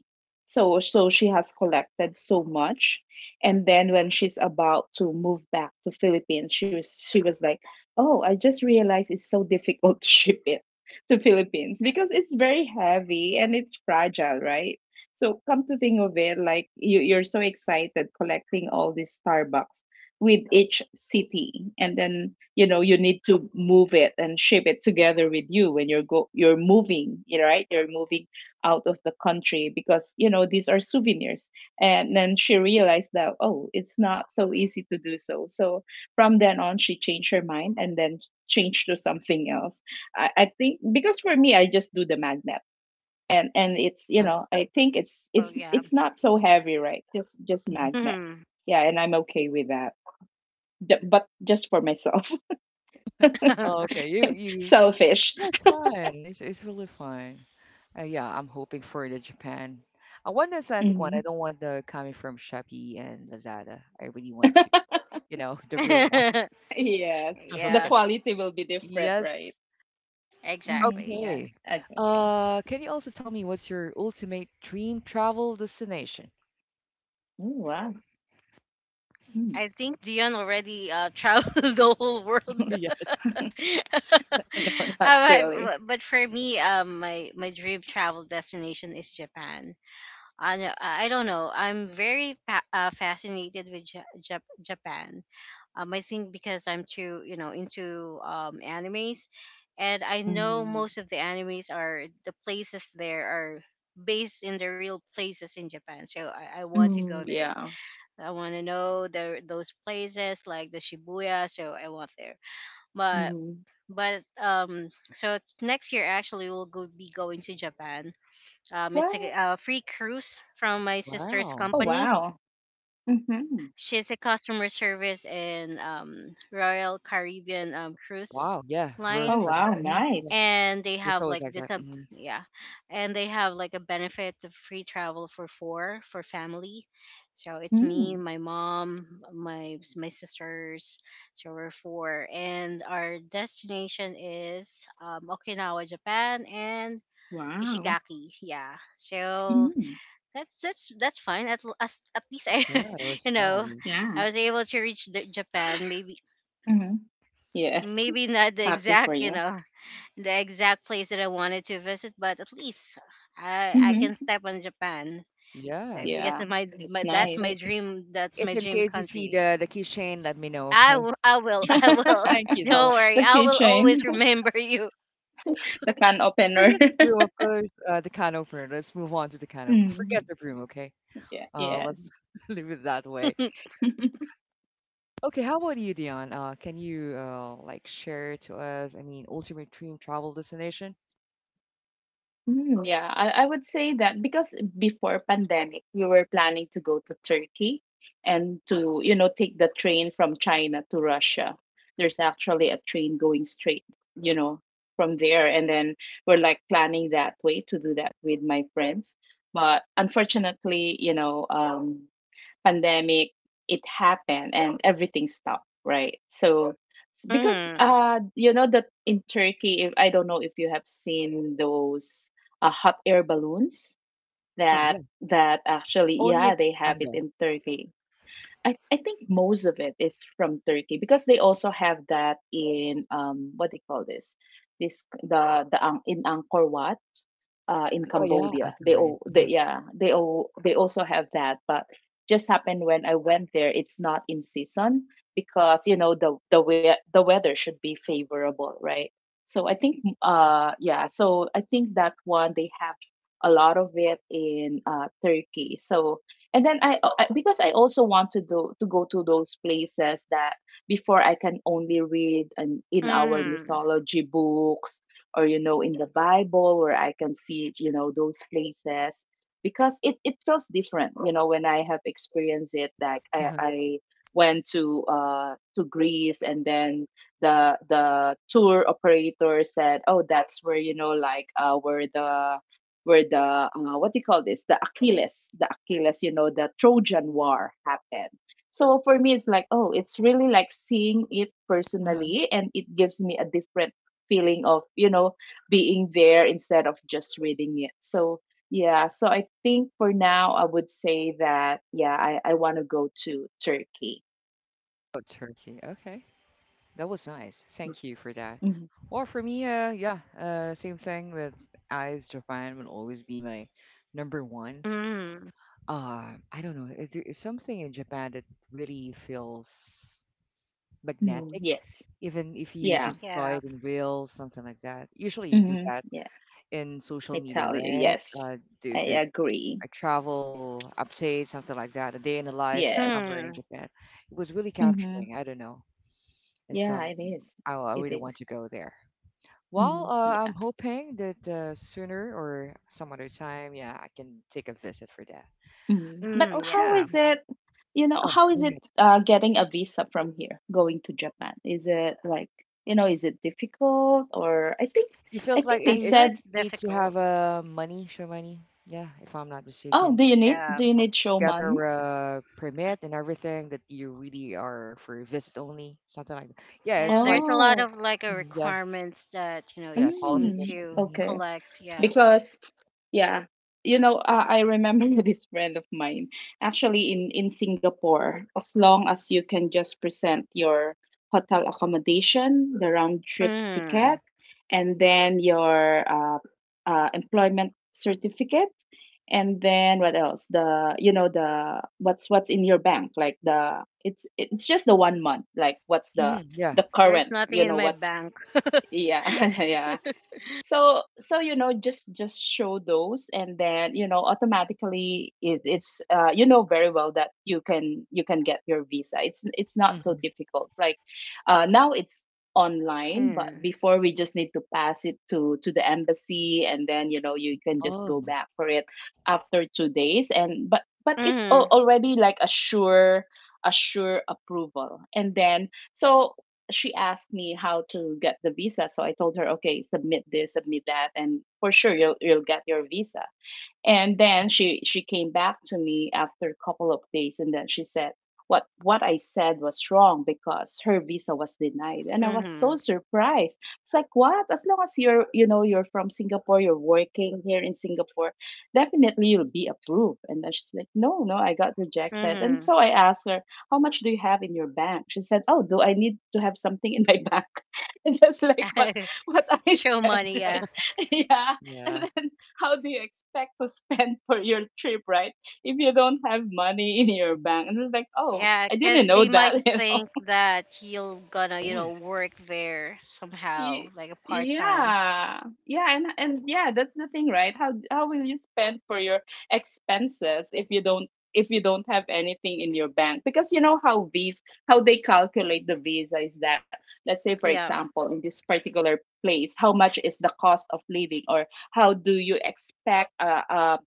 Speaker 2: So she has collected so much, and then when she's about to move back to Philippines, she was like, "Oh, I just realized it's so difficult *laughs* to ship it." To Philippines, because it's very heavy and it's fragile, right? So come to think of it, like you, you're so excited collecting all these Starbucks with each city, and then you know you need to move it and ship it together with you when you're moving, you know, right? You're moving out of the country because you know these are souvenirs. And then she realized that, oh, it's not so easy to do so. So from then on, she changed her mind and then changed to something else. I think because for me, I just do the magnet, and it's, you
Speaker 1: Uh,
Speaker 2: know, I think it's
Speaker 3: oh
Speaker 2: it's
Speaker 3: yeah.
Speaker 2: it's not so heavy, right? Just
Speaker 1: mm-hmm.
Speaker 2: magnet.
Speaker 3: Mm-hmm.
Speaker 2: Yeah, and I'm okay with that. D- but just for myself.
Speaker 1: Oh, okay,
Speaker 2: *laughs*
Speaker 1: you.
Speaker 2: Selfish.
Speaker 1: Yeah, it's fun. It's really fun. Yeah, I'm hoping for the Japan. I want the authentic one. I
Speaker 2: Hmm.
Speaker 1: don't want the coming from Shopee and Lazada. I really want to,
Speaker 2: *laughs*
Speaker 1: you know, *laughs* the real one.
Speaker 2: Yes.
Speaker 3: *laughs*
Speaker 2: The
Speaker 1: *laughs*
Speaker 3: Yeah,
Speaker 1: Okay.
Speaker 2: quality will be different,
Speaker 1: Yes.
Speaker 2: right? Hmm,
Speaker 3: exactly.
Speaker 2: yeah.
Speaker 1: Okay.
Speaker 2: Agree, agree.
Speaker 1: Can you also tell me what's your ultimate dream travel destination?
Speaker 2: Ooh, wow. Mm.
Speaker 3: I think Dion already traveled *laughs* the whole world.
Speaker 2: *laughs*
Speaker 1: *laughs* Yes.
Speaker 3: *laughs*
Speaker 2: No, not
Speaker 3: Uh,
Speaker 2: really.
Speaker 3: but for me, my my dream travel destination is Japan. I do. I don't know. I'm very fascinated with Japan. I think because I'm too, you know, into animes, and I know
Speaker 2: Hmm.
Speaker 3: most of the animes are the places there are based in the real places in Japan. So I want to go
Speaker 2: Mm,
Speaker 3: there.
Speaker 2: yeah.
Speaker 3: I want to know the those places, like the Shibuya. So I want there. But
Speaker 2: Hmm.
Speaker 3: but so next year actually we'll go, be going to Japan, it's
Speaker 2: Wow.
Speaker 3: a free cruise from my sister's
Speaker 1: Wow.
Speaker 2: Oh,
Speaker 3: company.
Speaker 2: wow. Hmm.
Speaker 3: She's a customer service in Royal Caribbean Cruise
Speaker 1: Wow. Yeah.
Speaker 3: Line,
Speaker 2: Oh,
Speaker 1: For me,
Speaker 2: wow,
Speaker 1: mhm, yeah,
Speaker 2: nice.
Speaker 3: and they
Speaker 1: it's
Speaker 3: have
Speaker 1: always
Speaker 3: like
Speaker 1: like
Speaker 3: this,
Speaker 1: that.
Speaker 3: a
Speaker 1: Mhm.
Speaker 3: yeah, and they have like a benefit of free travel for four for family. So it's me,
Speaker 2: Mm.
Speaker 3: my mom, my sisters. So we're four, and our destination is Okinawa, Japan, and
Speaker 2: Wow.
Speaker 3: Ishigaki. Yeah. So
Speaker 2: Mm.
Speaker 3: that's fine. At as, at least I,
Speaker 1: Yeah, it
Speaker 3: *laughs*
Speaker 1: was
Speaker 3: you know,
Speaker 1: fun.
Speaker 2: Yeah.
Speaker 3: I was able to reach the Japan. Maybe,
Speaker 2: Mm-hmm. Yes,
Speaker 3: maybe not the
Speaker 2: happy for
Speaker 3: exact, you
Speaker 2: you.
Speaker 3: know, the exact place that I wanted to visit, but at least I can
Speaker 2: Hmm.
Speaker 3: step on Japan. So
Speaker 1: Yeah.
Speaker 3: because
Speaker 2: Yeah,
Speaker 3: of my, my
Speaker 2: it's
Speaker 1: If,
Speaker 3: that's my
Speaker 2: nice.
Speaker 1: they,
Speaker 3: dream. That's
Speaker 1: if
Speaker 3: my
Speaker 1: in
Speaker 3: dream
Speaker 1: case you see
Speaker 3: country.
Speaker 1: the keychain, let me know.
Speaker 3: I
Speaker 1: Okay.
Speaker 3: will. I will. *laughs* I will.
Speaker 2: *laughs*
Speaker 1: Thank you so
Speaker 3: Don't
Speaker 1: much.
Speaker 3: worry.
Speaker 2: The
Speaker 3: I will
Speaker 2: keychain,
Speaker 3: always remember you.
Speaker 2: *laughs* the can opener.
Speaker 1: Forget the broom, of
Speaker 2: *laughs*
Speaker 1: course. The can opener. Let's move on to the can opener.
Speaker 2: Mm,
Speaker 1: Forget the broom, okay?
Speaker 2: yeah, yes.
Speaker 1: Let's *laughs* leave it that way.
Speaker 3: *laughs*
Speaker 2: *laughs*
Speaker 1: Okay, how about you, Dion? Can you like share to us? I mean, ultimate dream travel destination?
Speaker 2: Mm, yeah, I would say that because before pandemic, we were planning to go to Turkey and to, you know, take the train from China to Russia. There's actually a train going straight, you know, from there. And then we're like planning that way to do that with my friends. But unfortunately, you know, pandemic, it happened and everything stopped, right? So because,
Speaker 3: Mm,
Speaker 2: uh, you know, that in Turkey, if, I don't know if you have seen those, hot air balloons,
Speaker 1: Oh
Speaker 2: that
Speaker 1: yeah,
Speaker 2: that actually,
Speaker 1: only in
Speaker 2: yeah, they have it
Speaker 1: Pampanga.
Speaker 2: in Turkey. I think most of it is from Turkey because they also have that in, um, what do you call this, this the in Angkor Wat, in
Speaker 1: But yeah, I
Speaker 2: Cambodia.
Speaker 1: can
Speaker 2: They
Speaker 1: read it.
Speaker 2: all, they,
Speaker 1: Uh-huh.
Speaker 2: yeah, they all, they also have that. But just happened when I went there, it's not in season because you know the we the weather should be favorable, right? So I think, yeah. So I think that one, they have a lot of it in, Turkey. So and then I because I also want to do to go to those places that before I can only read, and in our
Speaker 3: mm,
Speaker 2: mythology books or you know in the Bible, where I can see, you know, those places because it feels different, you know, when I have experienced it. Like i,
Speaker 1: Uh-huh.
Speaker 2: I went to, uh, to Greece, and then the tour operator said, oh, that's where, you know, like, uh, where the what do you call this, the Achilles, you know, the Trojan War happened. So for me it's like, oh, it's really like seeing it
Speaker 1: Uh-huh.
Speaker 2: personally, and it gives me a different feeling of, you know, being there instead of just reading it. So yeah, so I think for now I would say that, yeah, I want to go to Turkey.
Speaker 1: Oh, Turkey. Okay, that was nice. Thank you for that.
Speaker 2: Mhm.
Speaker 1: Well, for me, same thing with eyes. Japan will always be my number one.
Speaker 3: mm,
Speaker 1: I don't know. Is there is something in Japan that really feels
Speaker 2: Mhm.
Speaker 1: magnetic,
Speaker 2: Yes.
Speaker 1: even if you
Speaker 2: Yeah.
Speaker 1: just saw
Speaker 3: yeah.
Speaker 1: it in reels, something like that. Usually, you do
Speaker 2: Hmm,
Speaker 1: that
Speaker 2: yeah.
Speaker 1: in
Speaker 2: I
Speaker 1: social media,
Speaker 2: tell you,
Speaker 1: right?
Speaker 2: yes.
Speaker 1: The
Speaker 2: I agree.
Speaker 1: a travel update, something like that. A day in the life
Speaker 2: Yes.
Speaker 1: somewhere in
Speaker 3: Mm,
Speaker 1: Japan. It was really
Speaker 2: Hmm,
Speaker 1: capturing. I don't know. And
Speaker 2: yeah,
Speaker 1: some,
Speaker 2: it is.
Speaker 1: I
Speaker 2: It
Speaker 1: really want
Speaker 2: is.
Speaker 1: to go there. Well,
Speaker 2: Mhm.
Speaker 1: I'm hoping that sooner or some other time, yeah, I can take a visit for that.
Speaker 2: Mhm. But
Speaker 3: mm,
Speaker 2: how
Speaker 3: yeah.
Speaker 1: Okay.
Speaker 2: is it, you know,
Speaker 1: Oh,
Speaker 2: how
Speaker 1: go
Speaker 2: is it,
Speaker 1: ahead.
Speaker 2: getting a visa from here going to Japan? Is it like, you know, is it difficult? Or I think,
Speaker 1: It
Speaker 2: I
Speaker 1: feels like
Speaker 2: think they
Speaker 1: it
Speaker 3: I
Speaker 1: is
Speaker 3: know
Speaker 2: said,
Speaker 3: it's
Speaker 1: need to have
Speaker 3: difficult.
Speaker 1: money, show money. Yeah, if I'm not
Speaker 2: "Oh,
Speaker 1: mistaken.
Speaker 2: do you need,
Speaker 3: Yeah.
Speaker 2: show money?"
Speaker 1: Gather a permit and everything that you really are for visit only, something like that. Yeah, it's
Speaker 3: And
Speaker 1: quite.
Speaker 3: there's a lot
Speaker 2: Oh.
Speaker 3: of like
Speaker 1: Mhm, yeah,
Speaker 3: requirements that you know you
Speaker 1: yeah,
Speaker 3: need
Speaker 2: Mm,
Speaker 1: qualification.
Speaker 3: to
Speaker 2: okay.
Speaker 3: collect. Yeah.
Speaker 2: Because, yeah, you know, I remember *laughs* this friend of mine, actually, in Singapore, as long as you can just present your hotel accommodation, the round trip ticket,
Speaker 3: Mm.
Speaker 2: and then your employment certificate, and then what else? The, you know, the what's in your bank, like the, it's just the one month, like what's
Speaker 1: Yeah.
Speaker 2: the
Speaker 3: There's
Speaker 2: current,
Speaker 3: nothing
Speaker 2: you
Speaker 3: in
Speaker 2: know,
Speaker 3: my
Speaker 2: what's,
Speaker 3: bank. *laughs*
Speaker 2: yeah. *laughs* Yeah, so so you know, just show those, and then you know automatically it, it's, you know very well that you can, you can get your visa. It's not so
Speaker 1: hmm
Speaker 2: difficult. Like, now it's online, but
Speaker 3: Mm.
Speaker 2: before we just need to pass it to the embassy, and then you know you can just go
Speaker 1: Oh,
Speaker 2: back for it after two days, and but it's
Speaker 3: Mhm.
Speaker 2: al- already like a sure, a sure approval. And then so she asked me how to get the visa. So I told her, okay, submit this, submit that, and for sure you'll get your visa. And then she came back to me after a couple of days, and then she said what I said was wrong because her visa was denied, and I was
Speaker 3: Mhm.
Speaker 2: so surprised. It's like, what? As long as you're, you know, you're from Singapore, you're working here in Singapore, definitely you'll be approved. And then she's like, no, no, I got rejected. And
Speaker 3: Mhm.
Speaker 2: so I asked her, how much do you have in your bank? She said, oh, do I need to have something in my bank? *laughs* And just like, what?
Speaker 3: *laughs*
Speaker 2: What I
Speaker 3: Show
Speaker 2: said,
Speaker 3: money, yeah.
Speaker 2: right? *laughs* Yeah.
Speaker 1: yeah.
Speaker 2: And then how do you expect to *laughs* spend for your trip, right? If you don't have money in your bank. And it's like, oh,
Speaker 3: Yeah.
Speaker 2: I
Speaker 3: Cause
Speaker 2: didn't know
Speaker 3: they might
Speaker 2: that, *laughs* you
Speaker 3: think
Speaker 2: know.
Speaker 3: that you're gonna, you
Speaker 1: Yeah.
Speaker 3: know, work there somehow,
Speaker 2: Y-
Speaker 3: like a part time.
Speaker 2: yeah. Yeah, and yeah, that's the thing, right? How will you spend for your expenses if you don't, if you don't have anything in your bank? Because you know how these, how they calculate the visa is that, let's say for
Speaker 3: Yeah.
Speaker 2: example, in this particular place, how much is the cost of living, or how do you expect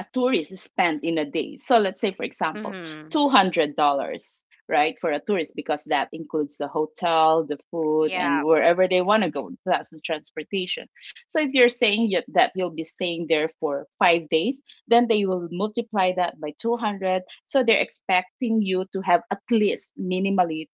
Speaker 2: a tourist spend in a day. So let's say, for example,
Speaker 3: Mhm.
Speaker 2: $200, right, for a tourist, because that includes the hotel, the food, and
Speaker 3: Yeah.
Speaker 2: wherever they want to go, plus the transportation. So if you're saying you- that you'll be staying there for five days, then they will multiply that by 200. So they're expecting you to have at least minimally,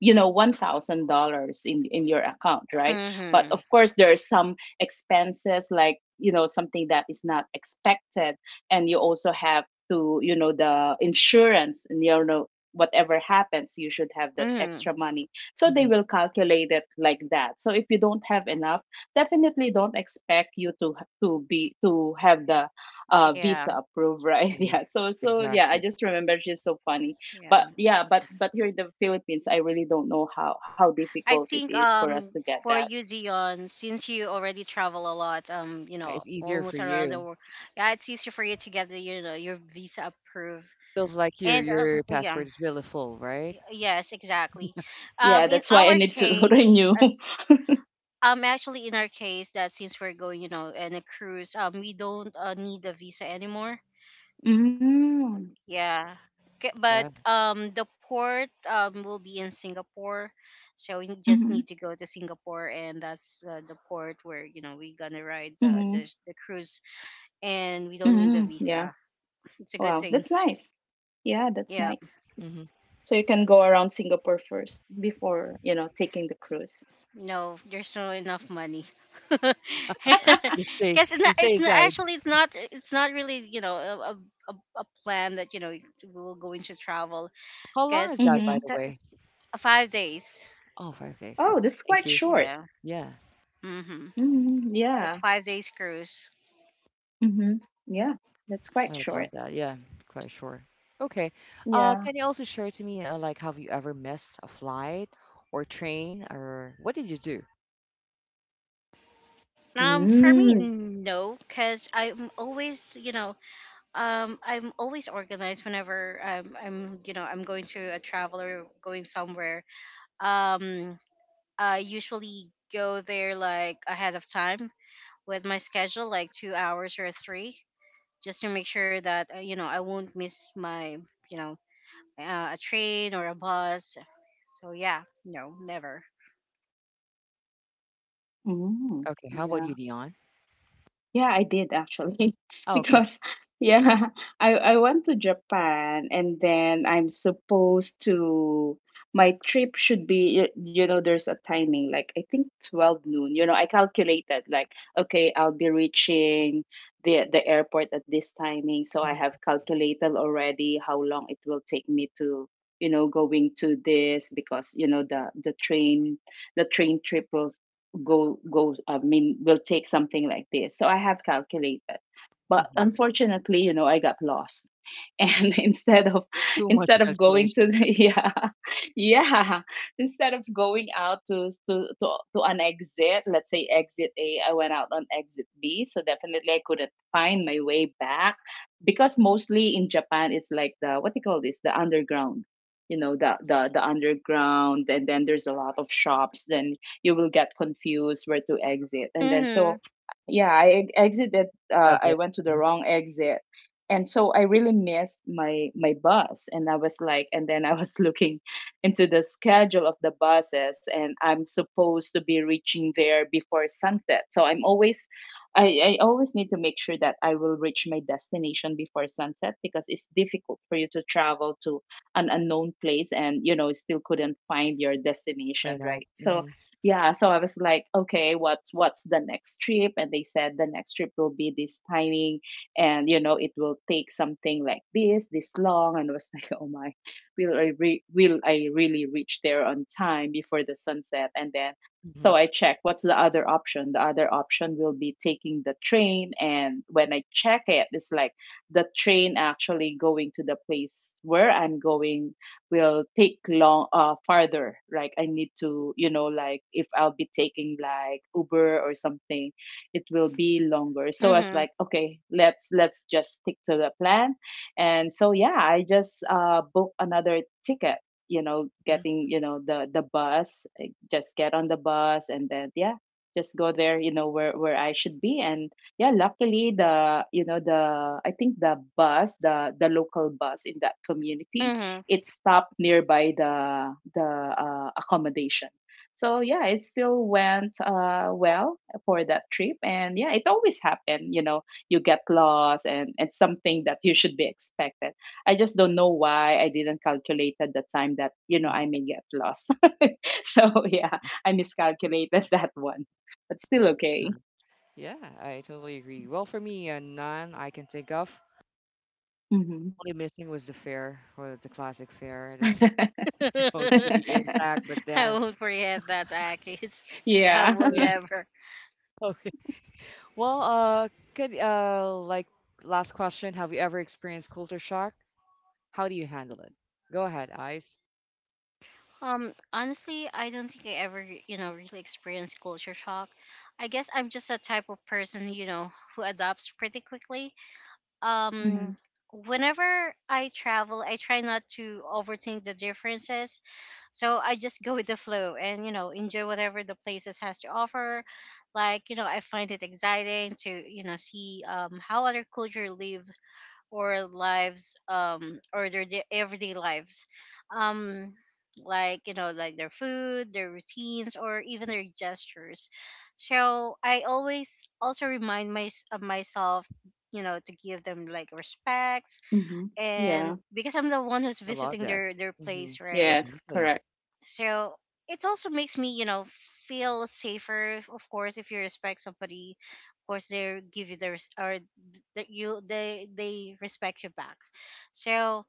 Speaker 2: you know, $1,000 in your account, right? But of
Speaker 3: Mhm.
Speaker 2: course there are some expenses, like, you know, something that is not expected, and you also have to, you know, the insurance, and, you know, whatever happens, you should have that extra
Speaker 3: Mhm.
Speaker 2: money. So they
Speaker 1: hmm
Speaker 2: will calculate it like that. So if you don't have enough, definitely don't expect you to be to have the,
Speaker 3: Yeah.
Speaker 2: visa approved, right? *laughs*
Speaker 1: hmm
Speaker 2: Yeah, so so yeah, I
Speaker 1: Exactly.
Speaker 2: just remember she's so funny.
Speaker 3: Yeah.
Speaker 2: But yeah, but here in the Philippines, I really don't know how
Speaker 3: I
Speaker 2: difficult it
Speaker 3: think
Speaker 2: is for us to get
Speaker 3: for
Speaker 2: that.
Speaker 3: you Zion, since you already travel a lot, you know,
Speaker 1: It's easier for
Speaker 3: almost around the
Speaker 1: you.
Speaker 3: world, yeah, it's easier for you to get the, you know, your visa approved.
Speaker 1: Feels like your
Speaker 3: And
Speaker 1: your
Speaker 3: yeah,
Speaker 1: passport is really full, right?
Speaker 3: yes, exactly.
Speaker 2: Yeah,
Speaker 3: In
Speaker 2: that's why I
Speaker 3: our
Speaker 2: need to *laughs*
Speaker 3: case,
Speaker 2: renew.
Speaker 3: as actually in our case, that since we're going, you know, in a cruise, we don't need a visa anymore.
Speaker 2: Mm.
Speaker 3: Yeah. But
Speaker 1: Yeah.
Speaker 3: the port will be in Singapore. So we just
Speaker 2: Mm-hmm.
Speaker 3: need to go to Singapore, and that's the port where you know we're gonna ride the,
Speaker 2: Mm-hmm.
Speaker 3: the cruise, and we don't need a
Speaker 2: Mm-hmm. Yeah.
Speaker 3: visa. It's a good
Speaker 2: Wow,
Speaker 3: thing.
Speaker 2: that's nice. Yeah, that's
Speaker 3: Yeah.
Speaker 2: nice. S-
Speaker 1: hmm
Speaker 2: so you can go around Singapore first before, you know, taking the cruise.
Speaker 3: No, there's no enough money. *laughs* Cuz
Speaker 2: *laughs*
Speaker 3: it's not,
Speaker 1: You stay
Speaker 3: it's not,
Speaker 1: inside.
Speaker 3: actually it's not, it's not really, you know, a a plan that you know we're going to travel
Speaker 1: How long is
Speaker 3: because
Speaker 1: that, by
Speaker 2: Mm-hmm.
Speaker 1: the way?
Speaker 3: 5 days
Speaker 1: Oh, 5 days.
Speaker 2: Oh,
Speaker 1: Okay.
Speaker 2: this is
Speaker 1: Thank
Speaker 2: quite
Speaker 1: you.
Speaker 2: short.
Speaker 3: yeah
Speaker 1: Yeah.
Speaker 3: mm-hmm.
Speaker 2: Mm-hmm.
Speaker 3: Just
Speaker 2: Yeah.
Speaker 3: 5 days cruise.
Speaker 2: Mm-hmm. Yeah, that's quite
Speaker 1: I
Speaker 2: short.
Speaker 1: love that. Yeah, quite sure. Okay.
Speaker 2: Yeah.
Speaker 1: Can you also share to me, like, have you ever missed a flight or train, or what did you do?
Speaker 3: For me,
Speaker 2: Mm.
Speaker 3: no, because I'm always, you know, I'm always organized whenever I'm, you know, I'm going to a travel or going somewhere. Um, I usually go there like ahead of time with my schedule, like 2 hours or three, just to make sure that, you know, I won't miss my, you know, a train or a bus. So yeah, no, never.
Speaker 2: Mm.
Speaker 1: Okay. How about you,
Speaker 2: Yeah.
Speaker 1: Dion?
Speaker 2: Yeah, I did actually *laughs*
Speaker 1: Oh, okay.
Speaker 2: because, yeah, *laughs* I went to Japan, and then I'm supposed to, my trip should be y- you know there's a timing like I think 12 noon. You know, I calculated like okay, I'll be reaching the airport at this timing, so I
Speaker 1: hmm
Speaker 2: have calculated already how long it will take me to going to this because the train the train trip will go go I mean will take something like this, so I have calculated. But
Speaker 1: hmm
Speaker 2: unfortunately, I got lost, and *laughs*
Speaker 1: Too much
Speaker 2: instead of going to
Speaker 1: calculation.
Speaker 2: the *laughs* yeah, yeah, instead of going out to to an exit, let's say exit A, I went out on exit B. So definitely I couldn't find my way back, because mostly in Japan it's like the, what do you call this, the underground, the underground, and then there's a lot of shops. Then you will get confused where to exit. And then,
Speaker 3: Hmm.
Speaker 2: so yeah, exited.
Speaker 1: Subway.
Speaker 2: I went to the
Speaker 1: Mhm.
Speaker 2: wrong exit, and so I really missed my bus. And I was like, and then I was *laughs* looking into the schedule of the buses, and I'm supposed to be reaching there before sunset. So I'm always, I always need to make sure that I will reach my destination before sunset, because it's difficult for you to travel to an unknown place and still couldn't find your
Speaker 1: Very
Speaker 2: destination,
Speaker 1: nice.
Speaker 2: right? So yeah, so I was like, okay, what's the next trip? And they said the next trip will be this timing, and it will take something like this long. And I was *laughs* like, oh my, will I really reach there on time before the sunset? And then,
Speaker 1: Hmm
Speaker 2: so I check what's the other option. The other option will be taking the train, and when I check it, it's like the train actually going to the place where I'm going will take long, farther. Like I need to, like if I'll be taking like Uber or something, it will be longer. So I was
Speaker 3: Hmm.
Speaker 2: like, okay, let's just stick to the plan. And so yeah, I just book another ticket,
Speaker 1: hmm
Speaker 2: getting, the bus, just get on the bus, and then yeah, just go there, where I should be. And yeah, luckily the, the, I think the bus, the local bus in that community,
Speaker 3: Hmm.
Speaker 2: it stopped nearby the accommodation. So yeah, it still went well for that trip. And yeah, it always happened. You get lost, and it's something that you should be expected. I just don't know why I didn't calculate at the time that I may get lost. *laughs* So yeah, I miscalculated *laughs* that one, but still okay.
Speaker 1: hmm Yeah, I totally agree. Well, for me, none I can think of.
Speaker 2: Hmm.
Speaker 1: Only missing was the fare, or the classic fare. It's
Speaker 2: *laughs*
Speaker 1: *laughs*
Speaker 3: *laughs*
Speaker 1: supposed to be
Speaker 3: *laughs*
Speaker 1: intact, but
Speaker 3: I will
Speaker 1: then,
Speaker 3: not forget that, Akis. I
Speaker 2: Yeah.
Speaker 3: will
Speaker 1: yeah.
Speaker 3: never.
Speaker 1: *laughs* Okay. Well, could like last question, have you ever experienced culture shock? How do you handle it? Go ahead, Ice.
Speaker 3: Honestly, I don't think I ever, you know, really experienced culture shock. I guess I'm just a type of person, you know, who adopts pretty quickly.
Speaker 2: *laughs* Hmm.
Speaker 3: Um, whenever I travel, I try not to overthink the differences. So I just go with the flow and, you know, enjoy whatever the places has to offer. Like, you know, I find it exciting to, you know, see how other culture live or lives, or their everyday lives, um like, you know, like their food, their routines, or even their gestures. So I always also remind my, of myself, you know, to give them like respects,
Speaker 2: Hmm. Yeah.
Speaker 3: and because I'm the one who's
Speaker 1: I love
Speaker 3: visiting
Speaker 1: that.
Speaker 3: their
Speaker 1: Mm-hmm.
Speaker 3: place, right?
Speaker 2: Yes.
Speaker 1: Exactly.
Speaker 2: Correct.
Speaker 3: So it also makes me, you know, feel safer. If- of course, if you respect somebody, of course they give you the that you they respect you back. So,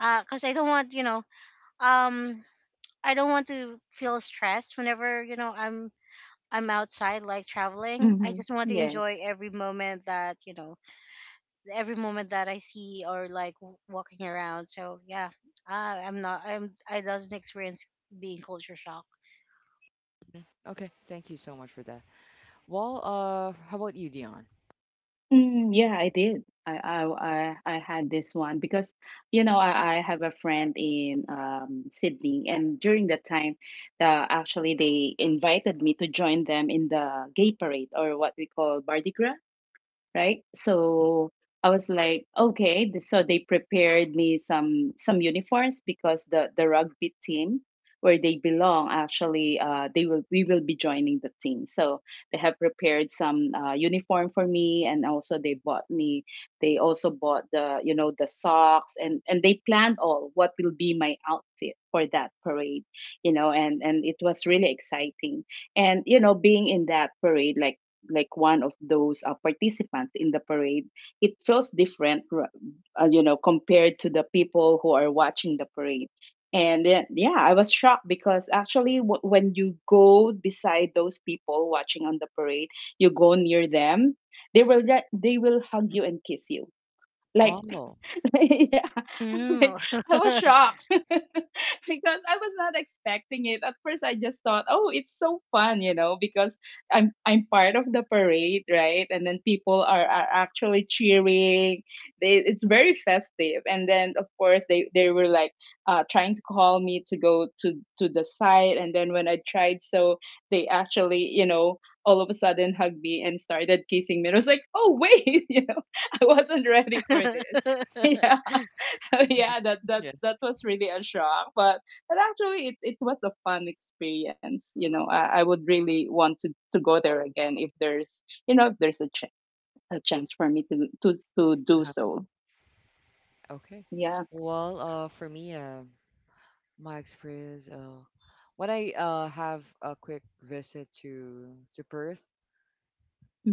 Speaker 3: cause I don't want you know, um, I don't want to feel stressed whenever you know I'm outside like traveling. I
Speaker 2: Mhm.
Speaker 3: just want to
Speaker 2: Yes.
Speaker 3: enjoy every moment that every moment that I see or like walking around. So yeah, uh, I'm not, I doesn't experience being culture shock.
Speaker 1: Mhm. Okay, thank you so much for that. Well, how about you, Dion?
Speaker 2: Yeah, I did. I had this one because I have a friend in Sydney, and during that time, actually they invited me to join them in the gay parade, or what we call Mardi Gras, right? So I was like, okay, so they prepared me some uniforms, because the rugby team where they belong, actually, they will we will be joining the team. So they have prepared some uniform for me, and also they bought me. They also bought the, the socks, and they planned all what will be my outfit for that parade, you know, and it was really exciting. And you know, being in that parade, like one of those participants in the parade, it feels different, you know, compared to the people who are watching the parade. And then, yeah, I was shocked because actually, when you go beside those people watching on the parade, you go near them, they will hug
Speaker 1: Mhm.
Speaker 2: you and kiss you. Like,
Speaker 1: Oh,
Speaker 2: *laughs* yeah, I was
Speaker 3: Mm.
Speaker 2: like, I was shocked *laughs* because I was not expecting it. At first, I just thought, oh, it's so fun, you know, because I'm part of the parade, right? And then people are actually cheering. They, it's very festive. And then, of course, they were like, trying to call me to go to the side. And then when I tried, so they actually, you know, all of a sudden, hugged me and started kissing me. I was like, "Oh wait, *laughs* you know, I wasn't ready for this." *laughs* Yeah,
Speaker 3: *laughs*
Speaker 2: so yeah,
Speaker 1: *laughs* yeah.
Speaker 2: that was really a shock, but actually, it was a fun experience. You know, I would really want to go there again, if there's, if there's a, a chance for me to do
Speaker 1: Uh-huh.
Speaker 2: so.
Speaker 1: Okay.
Speaker 2: Yeah.
Speaker 1: Well, for me, my experience, when I have a quick visit to Perth,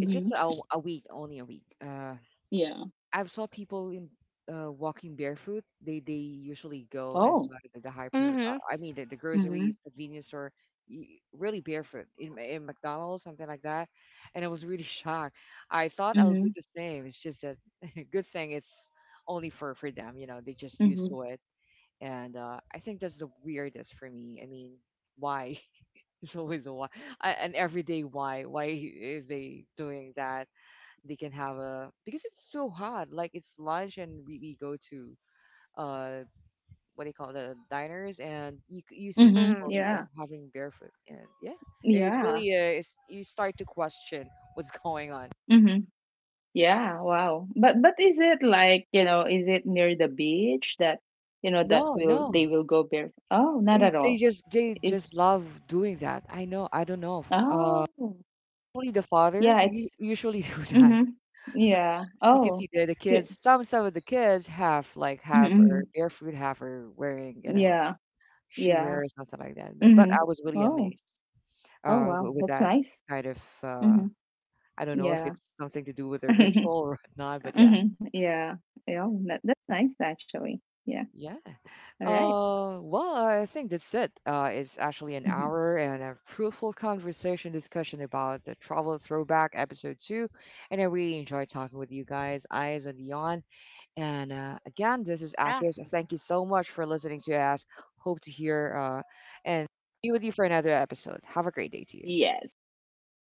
Speaker 1: it's just a week, only a week.
Speaker 2: Yeah.
Speaker 1: I've saw people in walking barefoot. They usually go
Speaker 2: Oh.
Speaker 1: inside the hyper.
Speaker 3: Mhm.
Speaker 1: I mean the
Speaker 2: Mm-hmm.
Speaker 1: groceries, convenience store, really barefoot in in McDonald's, something like that. And I was really *laughs* shocked. I thought I'll do
Speaker 2: Mm-hmm.
Speaker 1: the same. It's just that *laughs* good thing it's only for them. You know, they just used
Speaker 2: Mm-hmm.
Speaker 1: to it. And I think that's the weirdest for me. I mean, why? *laughs* It's always a why, an everyday why. Why is they doing that? They can have a because it's so hot like it's lunch and we go to uh what do you call it, the diners and you you see
Speaker 2: Mm-hmm.
Speaker 1: people
Speaker 3: Mhm.
Speaker 2: Yeah.
Speaker 1: having barefoot and yeah it's
Speaker 2: Yeah.
Speaker 1: really it's you start to question *laughs* what's going on.
Speaker 2: Mm-hmm. Yeah. Wow. But is it like, you know, is it near the beach that, you know, that
Speaker 1: No,
Speaker 2: will
Speaker 1: no.
Speaker 2: they will go bare? Oh, not
Speaker 1: You-
Speaker 2: at all.
Speaker 1: they
Speaker 2: Is
Speaker 1: just love doing that. I know, I don't know
Speaker 2: Oh,
Speaker 1: only the father
Speaker 2: yeah,
Speaker 1: you
Speaker 2: it's
Speaker 1: usually *laughs* do that.
Speaker 2: mhm. Yeah.
Speaker 1: You can
Speaker 2: Oh.
Speaker 1: see the
Speaker 2: Yeah.
Speaker 1: kids, some of the kids have like half or
Speaker 2: Mm-mm.
Speaker 1: barefoot, half are wearing, you know,
Speaker 2: Yeah.
Speaker 1: shoewear
Speaker 2: Yeah.
Speaker 1: or something like that. But I
Speaker 2: Mhm.
Speaker 1: was really
Speaker 2: Oh.
Speaker 1: amazed
Speaker 2: Oh, wow.
Speaker 1: with
Speaker 2: That's
Speaker 1: that
Speaker 2: nice.
Speaker 1: kind of.
Speaker 2: Mhm.
Speaker 1: I don't know if
Speaker 2: Yeah.
Speaker 1: it's something to do with a ritual
Speaker 2: *laughs*
Speaker 1: or *laughs* whatnot, but yeah,
Speaker 2: Mhm. Yeah. Yeah, oh, that's nice actually. Yeah.
Speaker 1: yeah.
Speaker 2: All right.
Speaker 1: Well, I think that's it. It's actually an
Speaker 2: Mhm.
Speaker 1: hour and a fruitful conversation discussion about the travel throwback episode two, and I really enjoy talking with you guys, eyes and Yon. And again, this is
Speaker 3: Yeah,
Speaker 1: Akis. Thank you so much for listening to us. Hope to hear and be with you for another episode. Have a great day to you.
Speaker 2: Yes. Yeah. Thanks.